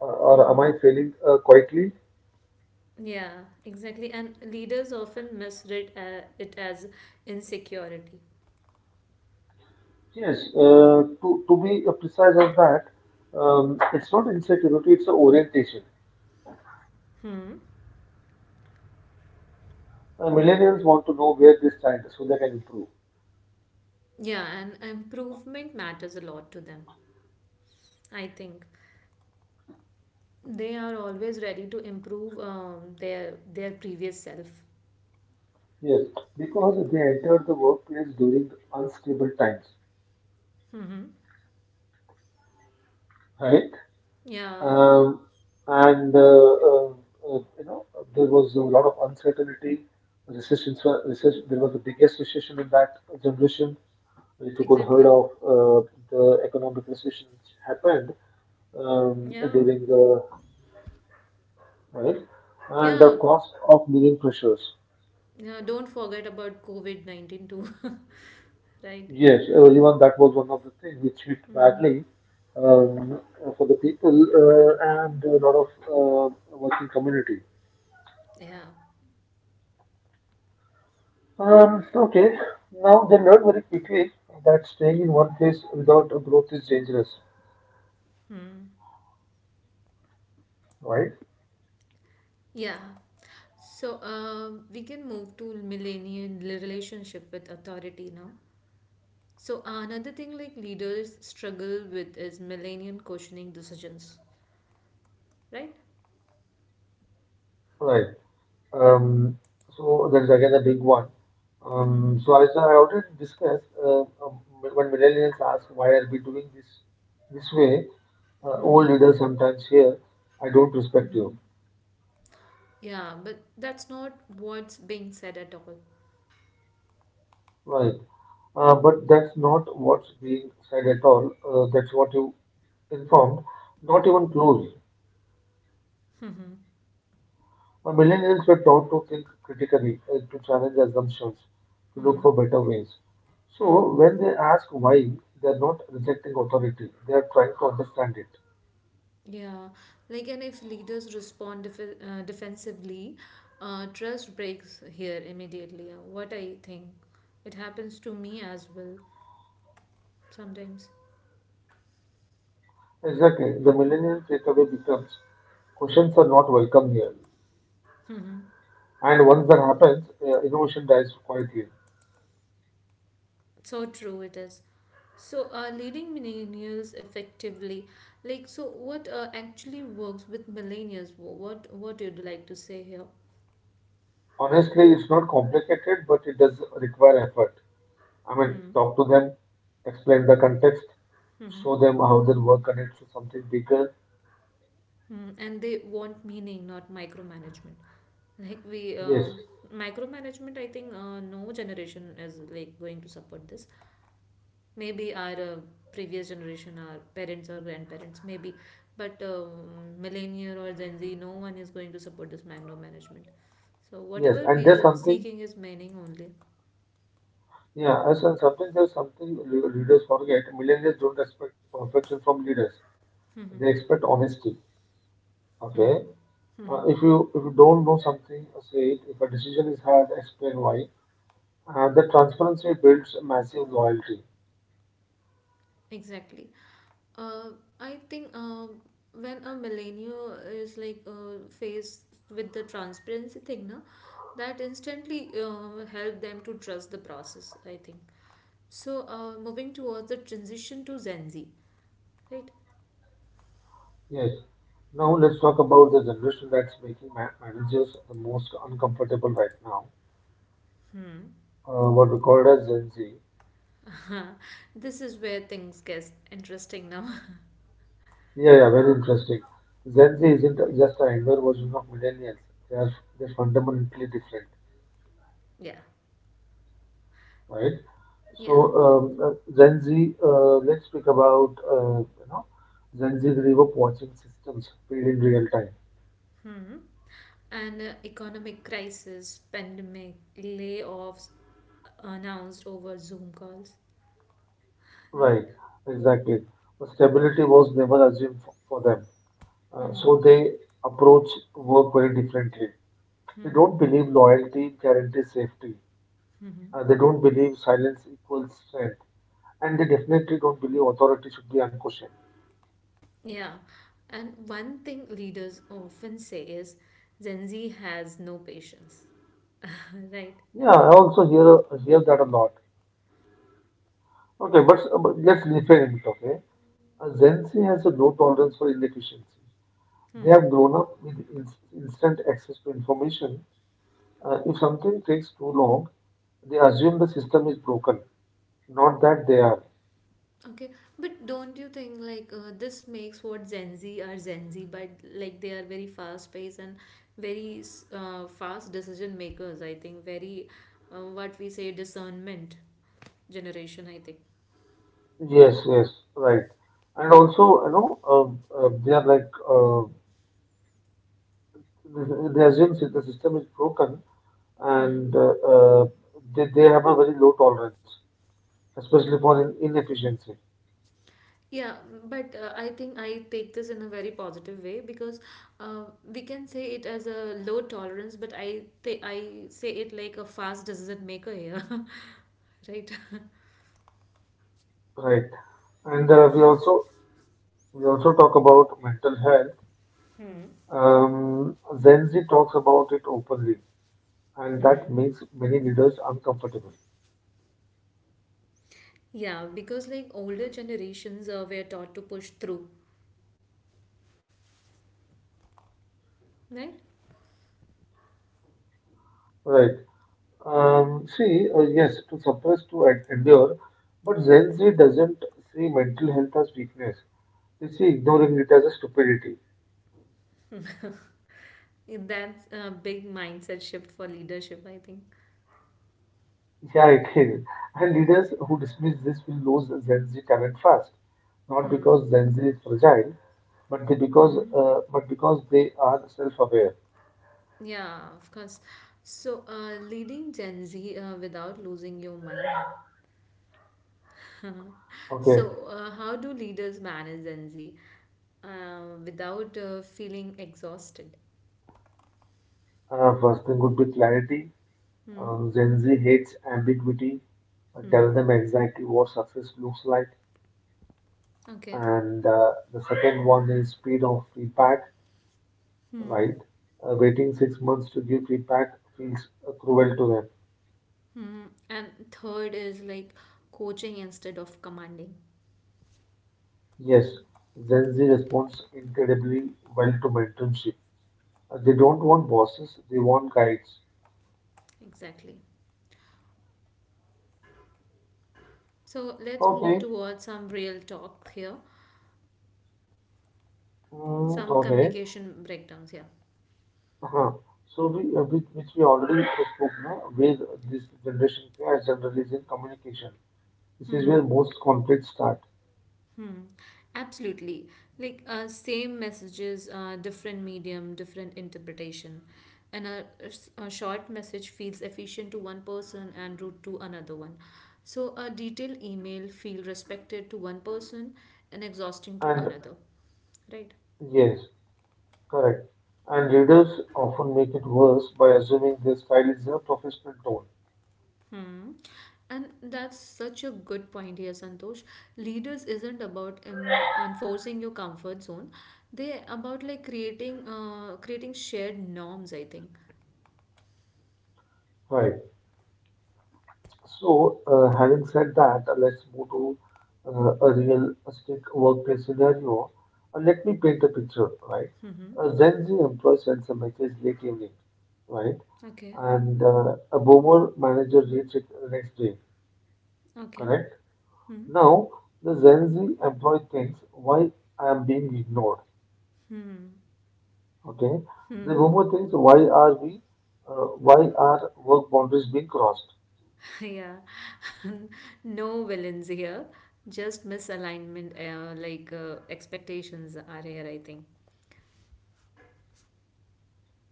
A: Or am
B: Hmm.
A: I failing quietly?"
B: Yeah, exactly. And leaders often misread it as insecurity.
A: Yes. To be precise on that, um, it's not insecurity; it's a orientation.
B: Hmm.
A: Millennials want to know where they stand so they can improve.
B: Yeah, and improvement matters a lot to them, I think. They are always ready to improve their previous self.
A: Yes, because they entered the workplace during unstable times,
B: Mm-hmm.
A: right?
B: Yeah,
A: Um, and you know there was a lot of uncertainty. Recessions were recession, there was the biggest recession in that generation. If you could heard
B: exactly.
A: of the economic recession which happened
B: Yeah.
A: during the right, and the
B: Yeah.
A: cost of living pressures.
B: Yeah, don't forget about covid-19 too. Right.
A: Yes, even that was one of the things which hit
B: Mm-hmm.
A: badly um, for the people and a lot of working community.
B: Yeah,
A: Okay, now they learned very quickly that staying in one place without a growth is dangerous, right?
B: yeah. So we can move to millennial relationship with authority now. So another thing like leaders struggle with is millennial questioning decisions, right?
A: Right. Um, so that is again a big one. Um,
B: Mm-hmm.
A: so as I already discussed, uh, um, when millennials ask why are we doing this way, old leaders sometimes hear, "I don't respect you."
B: Yeah, but that's not what's being said at all.
A: Right. But that's not what's being said at all. That's what you informed. Not even close. Millennials were taught to think critically, to challenge assumptions, to look for better ways.
B: Hmm.
A: So when they ask why, they're not rejecting authority. They are trying to understand it.
B: Yeah, like, and if leaders respond defensively, trust breaks here immediately. What I think, it happens to me as well sometimes.
A: Exactly. The millennial takeaway becomes questions are not welcome here.
B: Hmm.
A: And once that happens, innovation dies quietly.
B: So true it is. So, leading millennials effectively, like, so what actually works with millennials? What you'd like to say here?
A: Honestly, it's not complicated, but it does require effort. I mean,
B: Hmm.
A: talk to them, explain the context,
B: Hmm.
A: show them how their work connects to something bigger.
B: Mm, and they want meaning, not micromanagement. Like
A: Yes,
B: micromanagement. I think no generation is like going to support this. Maybe our previous generation, our parents or grandparents, maybe, but millennial or Gen Z, no one is going to support this micromanagement. So
A: yes,
B: whatever
A: and
B: we
A: there's
B: are
A: something,
B: seeking is meaning only.
A: yeah, as and something there's something leaders forget. Millennials don't expect perfection from leaders; they
B: Hmm.
A: expect honesty.
B: Hmm.
A: Okay,
B: Hmm.
A: if you don't know something, say it. If a decision is hard, explain why. The transparency builds massive loyalty.
B: Exactly. Uh, I think when a millennial is like faced with the transparency thing, na, that instantly help them to trust the process, I think. So moving towards the transition to Gen Z, right?
A: Yes. Now let's talk about the generation that's making managers the most uncomfortable right now.
B: Hmm.
A: What we called as Gen Z.
B: This is where things get interesting now.
A: Yeah, yeah, very interesting. Gen Z isn't just a younger version of millennials. They are they're fundamentally different,
B: Yeah.
A: right? So,
B: Yeah.
A: Gen Z, let's speak about, you know, Gen Z grew up watching systems fail in real time.
B: Hmm. And economic crisis, pandemic, layoffs announced over Zoom calls,
A: Right,
B: right?
A: exactly. The stability was never assumed for them. So they approach work very differently. They don't believe loyalty guarantees safety. They don't believe silence equals strength. And they definitely don't believe authority should be unquestioned.
B: Yeah, and one thing leaders often say is Gen Z has no patience, right?
A: Yeah, I also hear that a lot. Okay, but let's reframe it. Okay, Gen Z has a no tolerance for inefficiency. They
B: Hmm.
A: have grown up with instant access to information. If something takes too long, they assume the system is broken, not that they are.
B: Okay, but don't you think like this makes what Gen Z are Gen Z, but like they are very fast paced and very fast decision makers. I think very what we say discernment generation, I think.
A: Yes, yes, right. And also, you know, they are like They assume that the system is broken
B: Hmm.
A: and they have a very low tolerance, especially for in inefficiency,
B: Yeah, but I think I take this in a very positive way, because we can say it as a low tolerance, but I say it like a fast decision maker here, right?
A: right? And we also talk about mental health.
B: Hmm.
A: Um, Gen Z talks about it openly, and that
B: Hmm.
A: makes many leaders uncomfortable,
B: Yeah, because like older generations were taught to push through, right?
A: right? See, yes, to endure, but Gen Z doesn't see mental health as weakness. They see ignoring it as a stupidity.
B: And that's a big mindset shift for leadership, I think.
A: Yeah, it is. And leaders who dismiss this will lose Gen Z talent fast. Not because Gen Z is fragile, but they because
B: Hmm.
A: but because they are self-aware.
B: Yeah, of course. So, leading Gen Z without losing your mind.
A: Okay.
B: So, how do leaders manage Gen Z without feeling exhausted?
A: First thing would be clarity.
B: Hmm.
A: Gen Z hates ambiguity. Tell
B: Mm-hmm.
A: them exactly what success looks like.
B: Okay.
A: And the second one is speed of feedback. Right. Waiting 6 months to give feedback feels cruel to them.
B: Hmm. And third is like coaching instead of commanding.
A: Yes, Gen Z responds incredibly well to mentorship. They don't want bosses, they want guides.
B: Exactly. So let's move
A: Okay,
B: towards some real talk here.
A: mm,
B: Some
A: okay.
B: communication breakdowns here.
A: Uh-huh. So which we already spoke now, where this generation clash generally is in communication. This is
B: Mm-hmm.
A: where most conflicts start.
B: Hmm, absolutely. Like same messages, different medium, different interpretation. And a short message feels efficient to one person and rude to another one. So a detailed email feel respected to one person and exhausting to
A: And
B: another. Right?
A: yes, correct. And readers often make it worse by assuming their style is a professional tone.
B: Hmm. And that's such a good point here, Santosh. Leaders isn't about enforcing your comfort zone. They about like creating shared norms, I think.
A: Right. Having said that, let's move to a realistic workplace scenario. Let me paint a picture, right?
B: Hmm.
A: A Gen Z employee sends a message late evening, right?
B: Okay,
A: And a boomer manager reads it the next day,
B: okay.
A: correct?
B: Hmm.
A: Now, the Gen Z employee thinks, why I am being ignored, okay? The boomer thinks, why are work boundaries being crossed,
B: Yeah, no villains here, just misalignment, like expectations are here, I think.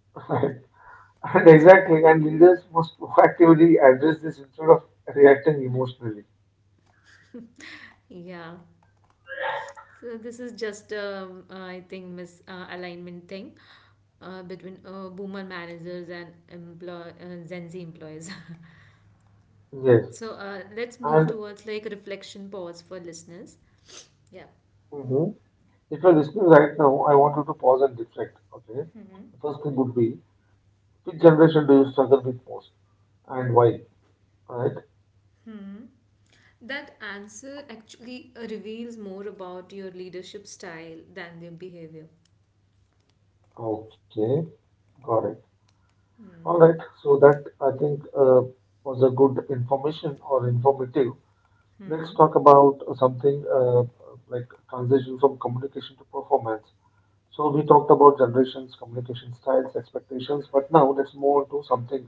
A: right? And exactly, and leaders must proactively address this instead of reacting emotionally.
B: Yeah, so this is just, I think, misalignment thing between boomer managers and employ Gen Z employees.
A: Yes,
B: So let's move
A: and
B: towards like reflection pause for listeners. Yeah.
A: mhm, if you're listening right now, I want you to pause and reflect. Okay,
B: Hmm.
A: the first thing would be which generation do you struggle with most and why? Right?
B: Hmm. That answer actually reveals more about your leadership style than their behavior.
A: Okay, got it. All
B: Hmm.
A: right, so that I think was a good information or informative. Let's talk about something like transition from communication to performance. So we talked about generations, communication styles, expectations, but now let's move on to something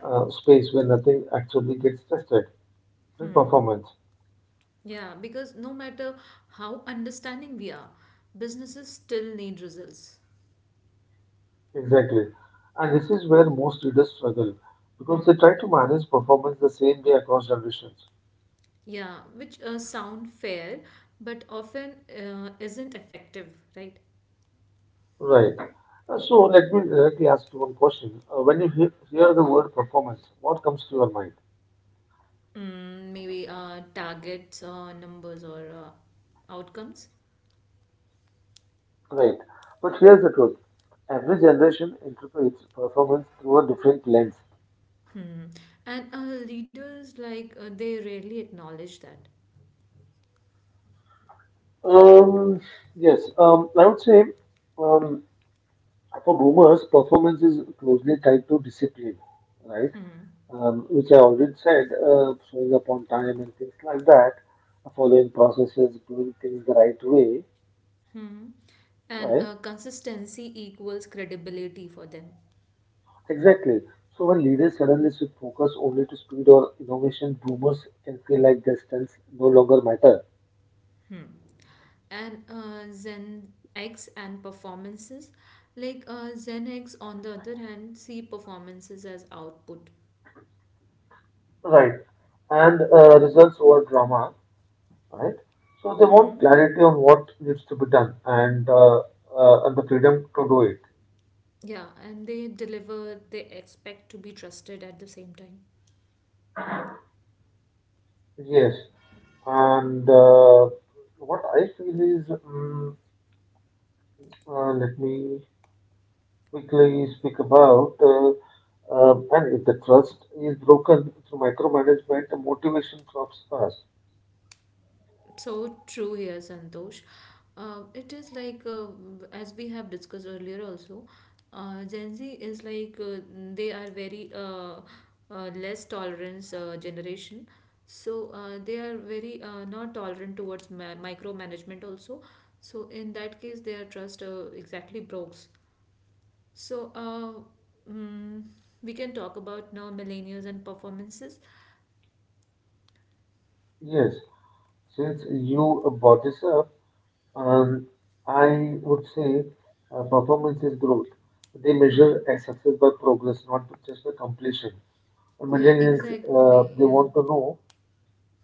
A: space where nothing actually gets tested, the performance.
B: Yeah, because no matter how understanding we are, businesses still need results.
A: Exactly. And this is where most readers struggle because they try to manage performance the same way across generations.
B: Yeah, which sound fair but often isn't effective, right?
A: Right. So let me directly ask you one question. When you hear the word performance, what comes to your mind?
B: Mm, maybe targets or numbers or outcomes.
A: Right. But here's the truth. Every generation interprets performance through a different lens.
B: Hmm. And leaders like they rarely acknowledge that.
A: Um, yes, I would say um, for boomers, performance is closely tied to discipline, right? Which I already said, showing up on time and things like that, following processes, doing things the right way,
B: Hmm. And
A: right?
B: consistency equals credibility for them.
A: Exactly. So when leaders suddenly shift focus only to speed or innovation, boomers can feel like their strengths no longer matter.
B: Hmm. And Zen X and performances. Like Zen X, on the other hand, see performances as output.
A: Right. And results over drama. Right? So they want
B: Hmm.
A: clarity on what needs to be done and the freedom to do it.
B: Yeah, and they deliver, they expect to be trusted at the same time.
A: Yes, and what I feel is, mm let me quickly speak about. And if the trust is broken through micromanagement, the motivation drops fast.
B: So true here, Santosh. It is like, as we have discussed earlier also, Gen Z is like, they are very less tolerance generation. So they are very not tolerant towards micromanagement also. So in that case, their trust exactly breaks. So we can talk about now millennials and performances.
A: Yes, since you brought this up. Um, I would say Performance is growth. They
B: Hmm.
A: measure a success by progress, not just by completion. Uh,
B: Yeah,
A: Millennials,
B: exactly.
A: uh, they
B: Yeah.
A: want to know,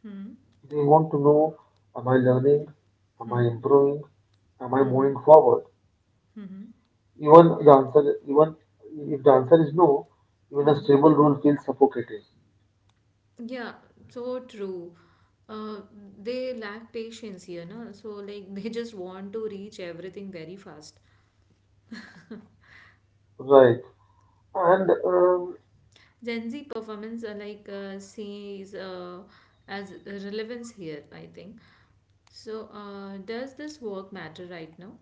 B: Hmm.
A: they want to know, am I learning? Am I
B: Hmm.
A: improving? Am I
B: Mm-hmm.
A: moving forward?
B: Mm-hmm.
A: Even the answer, even if the answer is no, even a stable rule feels suffocating.
B: Yeah, so true. Uh, they lack patience here, no? So like they just want to reach everything very fast.
A: Right. And
B: Gen Z performance are like sees as relevance here, I think. So does this work matter right now?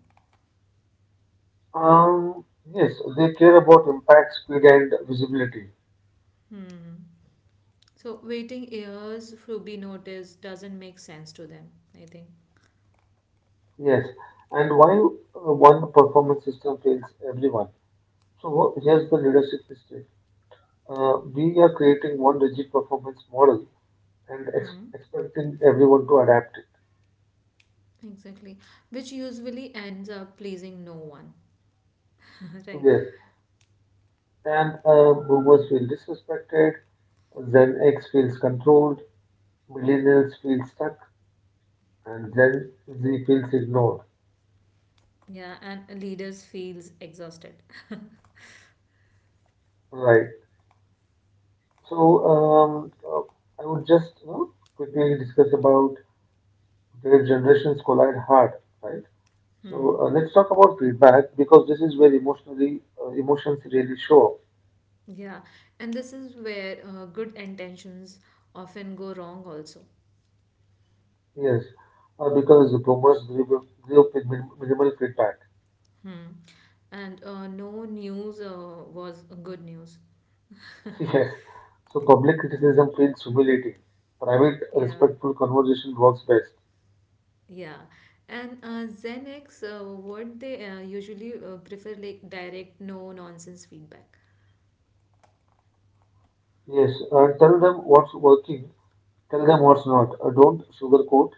A: um, yes, they care about impact, speed, and visibility.
B: Hmm. So waiting years to be noticed doesn't make sense to them, I think.
A: Yes, and while one performance system fails everyone, so here's the leadership mistake. We are creating one rigid performance model and
B: Mm,
A: expecting everyone to adapt it.
B: exactly. Which usually ends up pleasing no one, right?
A: Yes, and boomers feel disrespected, Gen X feels controlled, millennials feel stuck, and Gen Z feels ignored.
B: Yeah, and leaders feels exhausted.
A: Right. So I would just you know, Quickly discuss about where generations collide hard, right? So
B: Hmm.
A: uh, let's talk about feedback because this is where emotionally emotions really show up.
B: Yeah, and this is where good intentions often go wrong also.
A: Yes, because the boomers grew up with minimal feedback.
B: Hmm. And no news was good news.
A: Yes, so public criticism feels humiliating. Private,
B: Yeah,
A: respectful conversation works best.
B: yeah. And Gen X, what they usually prefer like direct, no nonsense feedback.
A: Yes, tell them what's working, tell them what's not. Don't sugarcoat.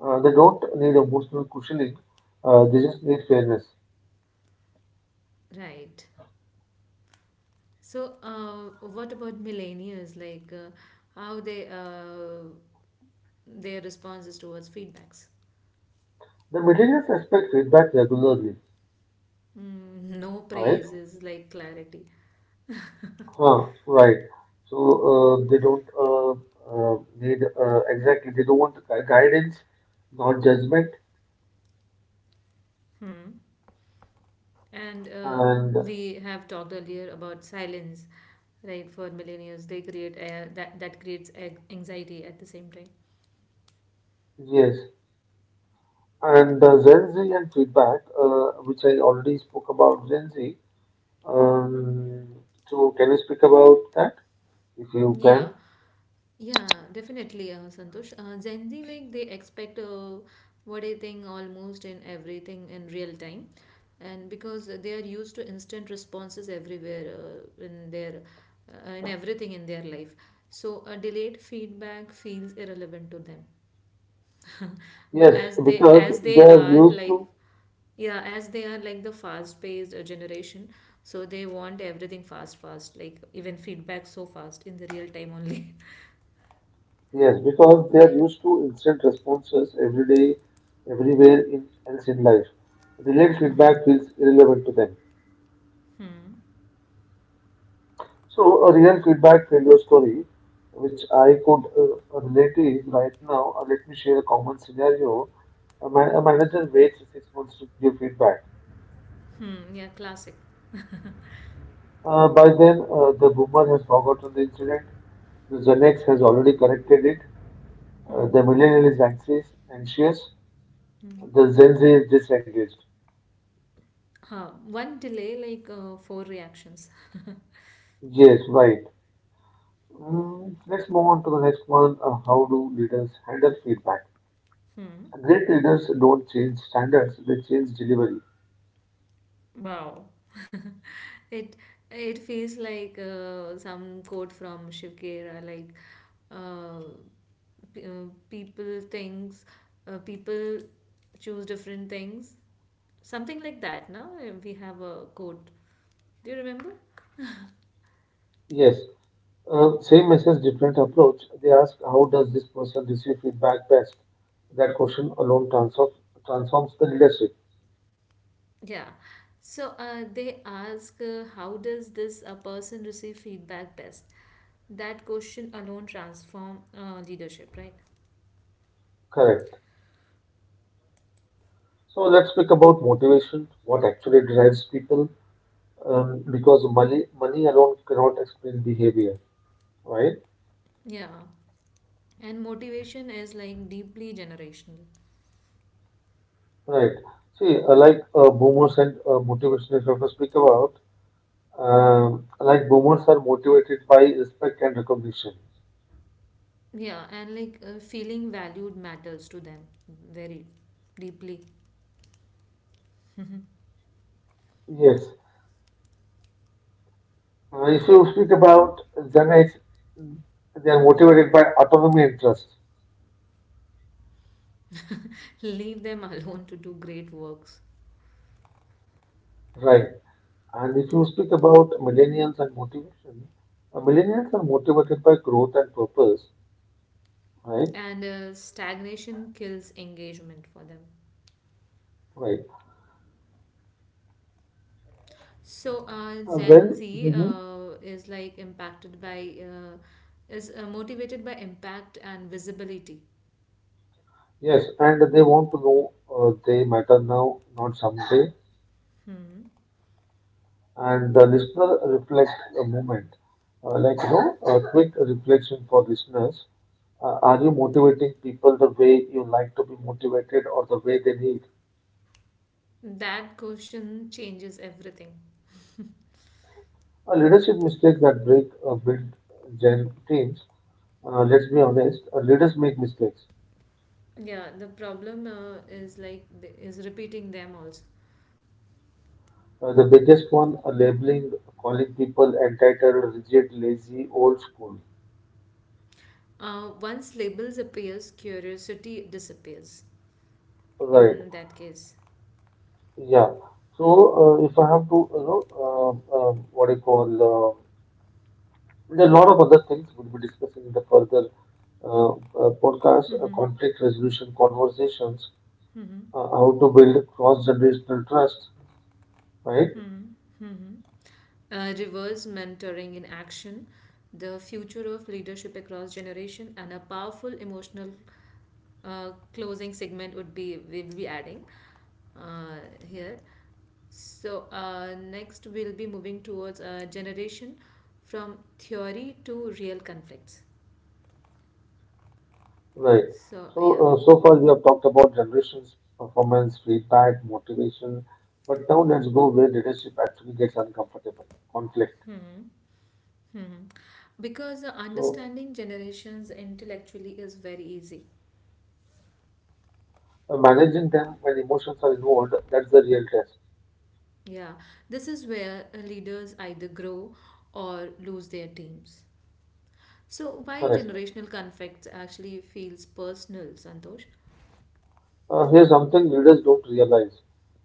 A: They don't need emotional cushioning. They just need fairness.
B: Right. So, what about millennials? Like, how they their responses towards feedbacks?
A: The millennials expect feedback regularly,
B: Mm, no
A: right?
B: praise is like clarity.
A: Huh, right. So they don't need exactly. They don't want guidance, not judgment.
B: Hmm. And
A: And
B: we have talked earlier about silence, right? For millennials, they create that creates anxiety at the same time.
A: yes, and Gen Z and feedback, which I already spoke about Gen Z. Um, so can you speak about that if you can?
B: Yeah, yeah, definitely, Santosh. Gen Z like they expect what I think almost in everything in real time, and because they are used to instant responses everywhere in everything in their life, so a delayed feedback feels irrelevant to them.
A: Yes, because
B: As
A: they
B: they
A: are
B: are
A: used
B: like
A: to.
B: yeah, as they are like the fast paced generation, so they want everything fast fast, like even feedback so fast in the real time only.
A: Yes, because they are
B: Right.
A: used to instant responses every day, everywhere in else in life. Delayed feedback feels irrelevant to them. So, a real feedback failure story which I could relate is right now. Let me share a common scenario. A manager waits 6 months to give feedback.
B: Hmm. Yeah, classic.
A: By then, the boomer has forgotten the incident. The Xanax has already corrected it. The millennial is anxious. The Gen Z is disengaged.
B: Huh. One delay, like four reactions.
A: Yes, right. Mm, let's move on to the next one. How do leaders handle feedback?
B: Hmm.
A: Great leaders don't change standards; they change delivery.
B: Wow. It feels like some quote from Shivkera, like uh, people things, people choose different things, something like that. Now we have a quote. Do you remember?
A: Yes, same message, different approach. They ask, how does this person receive feedback best? That question alone transforms the leadership.
B: Yeah. So they ask, how does this a person receive feedback best? That question alone transform leadership, right?
A: Correct. So let's speak about motivation, what actually drives people, because money alone cannot explain behavior, right?
B: Yeah. And motivation is like deeply generational.
A: Right. See, like boomers and motivation, if I have to speak about, like Boomers are motivated by respect and recognition.
B: Yeah, and like feeling valued matters to them very deeply.
A: Yes. If you speak about Zenites, they are motivated by autonomy interest,
B: Leave them alone to do great works.
A: right? And if you speak about millennials and motivation, millennials are motivated by growth and purpose, right?
B: And stagnation kills engagement for them.
A: Right.
B: So, Gen
A: Then,
B: Z
A: mhm.
B: is like impacted by, is motivated by impact and visibility.
A: Yes, and they want to know they matter now, not someday.
B: Hmm.
A: And the listener reflect a moment, a quick reflection for listeners. Are you motivating people the way you like to be motivated or the way they need?
B: That question changes everything.
A: Leadership mistakes that break build gen teams. Let's be honest, leaders make mistakes.
B: Yeah, the problem is repeating them also.
A: The biggest one, labeling, calling people entitled, rigid, lazy, old school.
B: Once labels appears, curiosity disappears
A: Right.
B: in that case.
A: Yeah. So if I have to, you know, what do you call? There are a lot of other things we'll be discussing in the further uh, podcast.
B: Mm-hmm.
A: Conflict resolution conversations,
B: Mm-hmm.
A: how to build cross-generational trust, right?
B: Mm-hmm. Mm-hmm. Reverse mentoring in action, the future of leadership across generation, and a powerful emotional closing segment would be we'll be adding uh, here. So, next we'll be moving towards a generation from theory to real conflicts.
A: Right.
B: So yeah,
A: So, so far we have talked about generations, performance, feedback, motivation, but now let's go where leadership actually gets uncomfortable, conflict.
B: because
A: So,
B: understanding generations intellectually is very easy.
A: managing them when emotions are involved, that's the real test.
B: Yeah, this is where leaders either grow or lose their teams. So, why
A: Correct.
B: generational conflicts actually feels personal, Santosh?
A: Here's something leaders don't realize.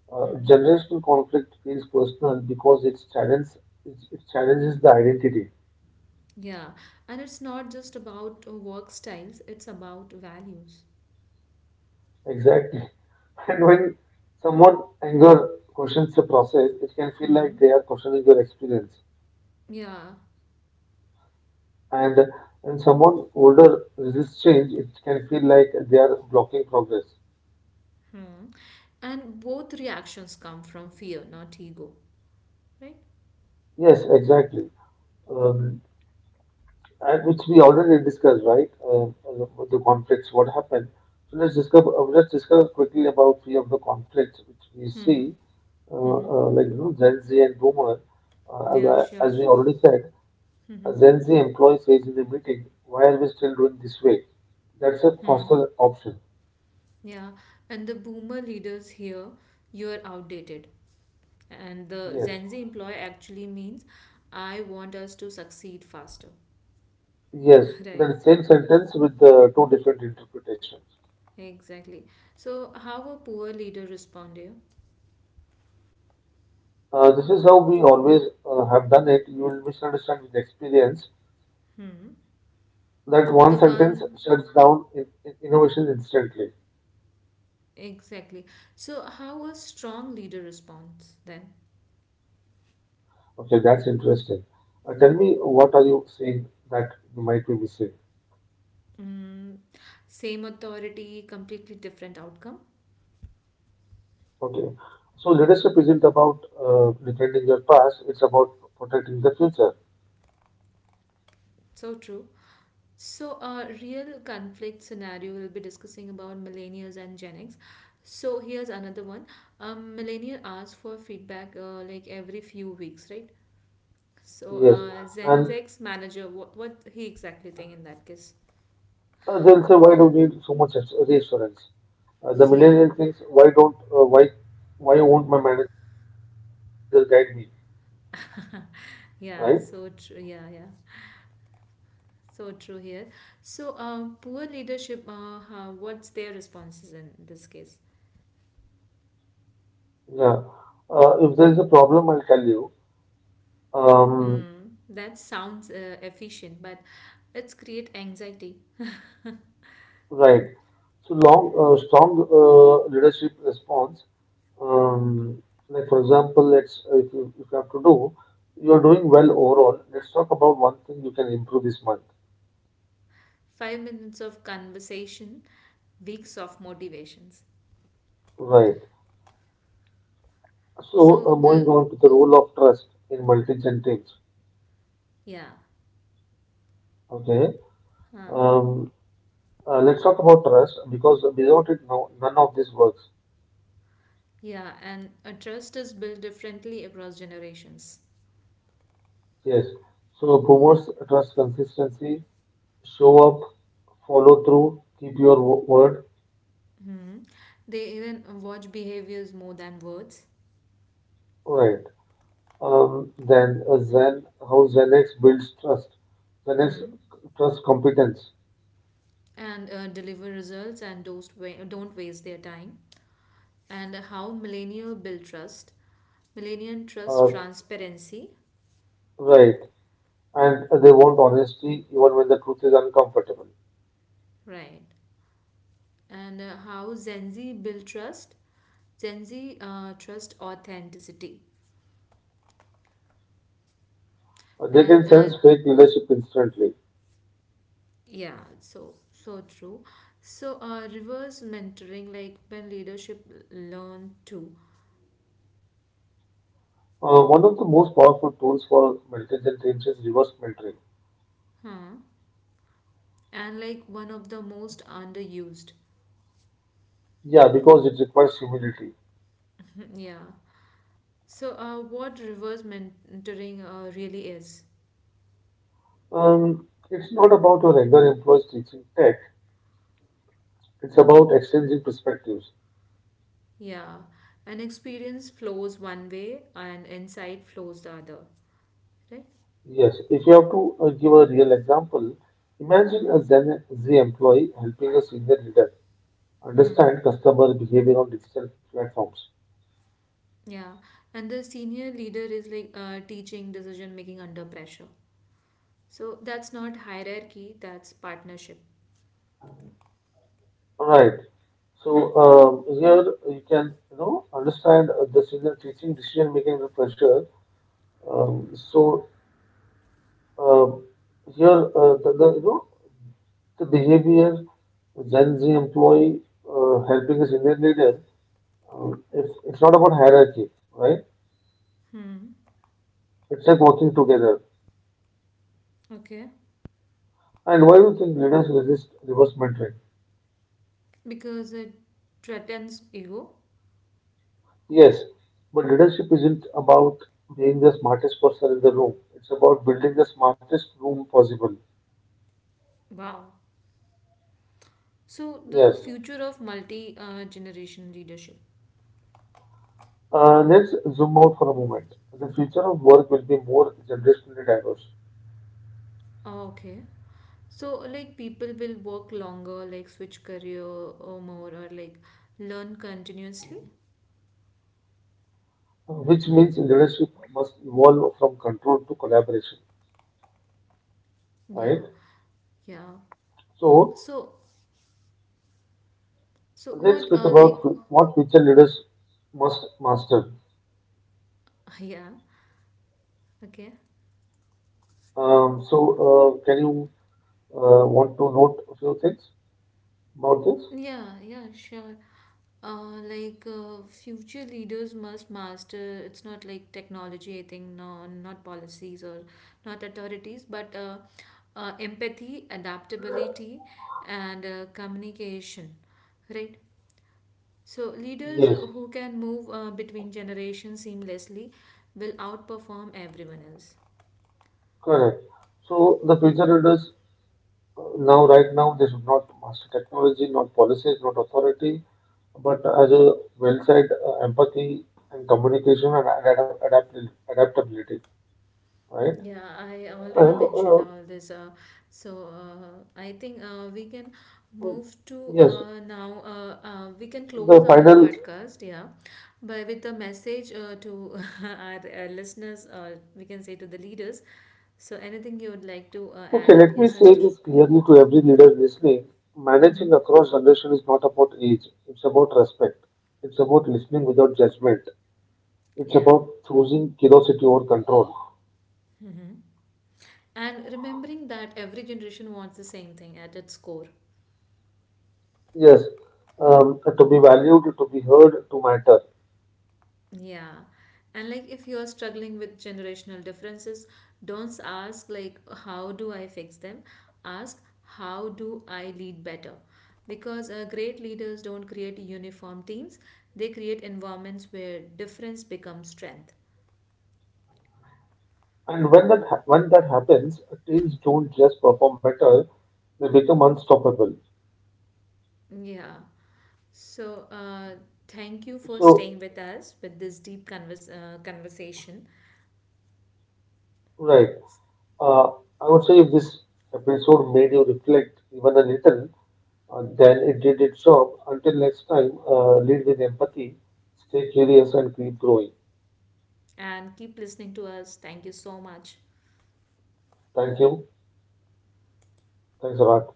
B: Hmm.
A: Generational conflict feels personal because it, it challenges the identity.
B: Yeah, and it's not just about work styles, it's about values.
A: Exactly. And when someone anger questions the process, it can feel like
B: Hmm.
A: they are questioning your experience.
B: Yeah,
A: And when someone older resists change, it can feel like they are blocking progress.
B: and both reactions come from fear, not ego, right?
A: Yes, exactly. Um, and which we already discussed, right? The conflicts, what happened. So let's discuss. Let's discuss quickly about three of the conflicts which we see, Gen Z and Boomer. Uh, as
B: Yeah,
A: I- as
B: sure.
A: we already said, a Gen Z employee says in the meeting, "Why are we still doing this way?" That's a faster option.
B: Yeah, and the boomer leaders here, you're outdated. And the
A: Yes.
B: Gen Z employee actually means I want us to succeed faster.
A: Yes,
B: Right,
A: that is same sentence with the two different interpretations.
B: exactly. So, how a poor leader respond here?
A: This is how we always have done it. You will misunderstand with experience
B: Hmm.
A: that one
B: The
A: sentence
B: one,
A: shuts down innovation instantly.
B: exactly. So, how a strong leader responds then?
A: Okay, that's interesting. Tell me, what are you saying that you might be missing?
B: Mm, same authority, completely different outcome.
A: Okay, so leadership isn't about defending your past; it's about protecting the future.
B: So true. So, a real conflict scenario we'll be discussing about millennials and Gen X. So, here's another one. Millennial asks for feedback like every few weeks, right? So,
A: Yes,
B: Gen
A: and
B: X manager, what he exactly think in that case?
A: they'll say, why do we need so much reassurance? The
B: Yeah,
A: millennial thinks, why don't, why won't my manager guide me, right?
B: yeah. So true. Yeah, yeah. So true here. So, poor leadership. How, what's their responses in this case?
A: Yeah. If there is a problem, I'll tell you. Um,
B: Mm, that sounds efficient, but it's create anxiety.
A: right. Strong leadership response. Um, like for example, let's if if you have to do, you are doing well overall. Let's talk about one thing you can improve this month.
B: Five minutes of conversation, weeks of motivations.
A: Right. So
B: So the
A: moving on to the role of trust in multi-gen teams.
B: yeah,
A: Okay.
B: huh,
A: Um, let's talk about trust because without it, no, none of this works.
B: yeah, and a trust is built differently across generations.
A: Yes. So boomers trust consistency, show up, follow through, keep your word.
B: Hmm. They even watch behaviors more than words.
A: Right. How Zenx builds trust. Zenx
B: Hmm.
A: trust competence.
B: And deliver results and don't, don't waste their time. And how millennial build trust. Millennial trust
A: Uh,
B: transparency.
A: right. And they want honesty even when the truth is uncomfortable.
B: Right. And how Gen Z build trust. Gen Z trust authenticity.
A: They can
B: And
A: sense fake leadership instantly.
B: yeah, so so true. So, reverse mentoring, like when leadership learn too,
A: One of the most powerful tools for mentors and teams is reverse mentoring.
B: huh? And like one of the most underused.
A: Yeah, because it requires humility.
B: Yeah. So, what reverse mentoring really is?
A: It's not about your regular employees teaching tech. It's about exchanging perspectives.
B: Yeah, an experience flows one way and insight flows the other, right?
A: Yes, if you have to give a real example, imagine a Gen Z employee helping a senior leader understand customer behavior on digital platforms.
B: Yeah, and the senior leader is like teaching decision making under pressure. So that's not hierarchy, that's partnership.
A: Right. So here you can you know understand the senior teaching decision making under pressure. So um, here the you know the behavior Gen Z employee helping a senior leader. It's not about hierarchy, right?
B: Hmm.
A: It's like working together.
B: Okay.
A: And why do you think leaders resist reverse mentoring?
B: Because it threatens ego.
A: Yes, but leadership isn't about being the smartest person in the room. It's about building the smartest room possible.
B: Wow. So the
A: Yes.
B: future of multi generation leadership.
A: Let's zoom out for a moment. The future of work will be more generationally diverse,
B: Ah, okay. So like people will work longer, like switch career or more, or like learn continuously.
A: which means leadership must evolve from control to collaboration,
B: Yeah,
A: right?
B: yeah.
A: So
B: So so
A: let's
B: what?
A: speak about
B: Like
A: what future leaders must master.
B: yeah. Okay.
A: Um, so, can you want to note a few things about this?
B: Yeah, yeah. Sure. Like future leaders must master, it's not like technology, I think, no, not policies or not authorities, but empathy, adaptability, and communication, right? So leaders
A: Yes,
B: who can move between generations seamlessly will outperform everyone else.
A: correct. So, the future leaders right now, they should not master technology, not policies, not authority, but as a well said, empathy and communication and adaptability, right?
B: Yeah, I
A: And
B: already mentioned all this. So I think we can move to
A: yes,
B: now. We can close
A: the
B: our
A: final.
B: podcast, yeah, by with a message to our listeners. We can say to the leaders. So anything you would like to add
A: Okay,
B: up
A: let
B: here,
A: me say
B: Santosh?
A: this clearly to every leader listening.
B: Mm-hmm.
A: Managing across generation is not about age. It's about respect. It's about listening without judgment. It's
B: Yeah,
A: about choosing curiosity over control.
B: and remembering that every generation wants the same thing at its core.
A: Yes, to be valued, to be heard, to matter.
B: Yeah. And like if you are struggling with generational differences, don't ask like how do I fix them? Ask how do I lead better? Because great leaders don't create uniform teams. They create environments where difference becomes strength.
A: And when when that happens, teams don't just perform better; they become unstoppable.
B: Yeah. So thank you for staying
A: So,
B: with us with this deep conversation
A: right, uh, I would say if this episode made you reflect even a little, than it did its job. Until next time, lead with empathy, stay curious, and keep growing.
B: and keep listening to us. Thank you so much.
A: Thank you. Thanks a lot.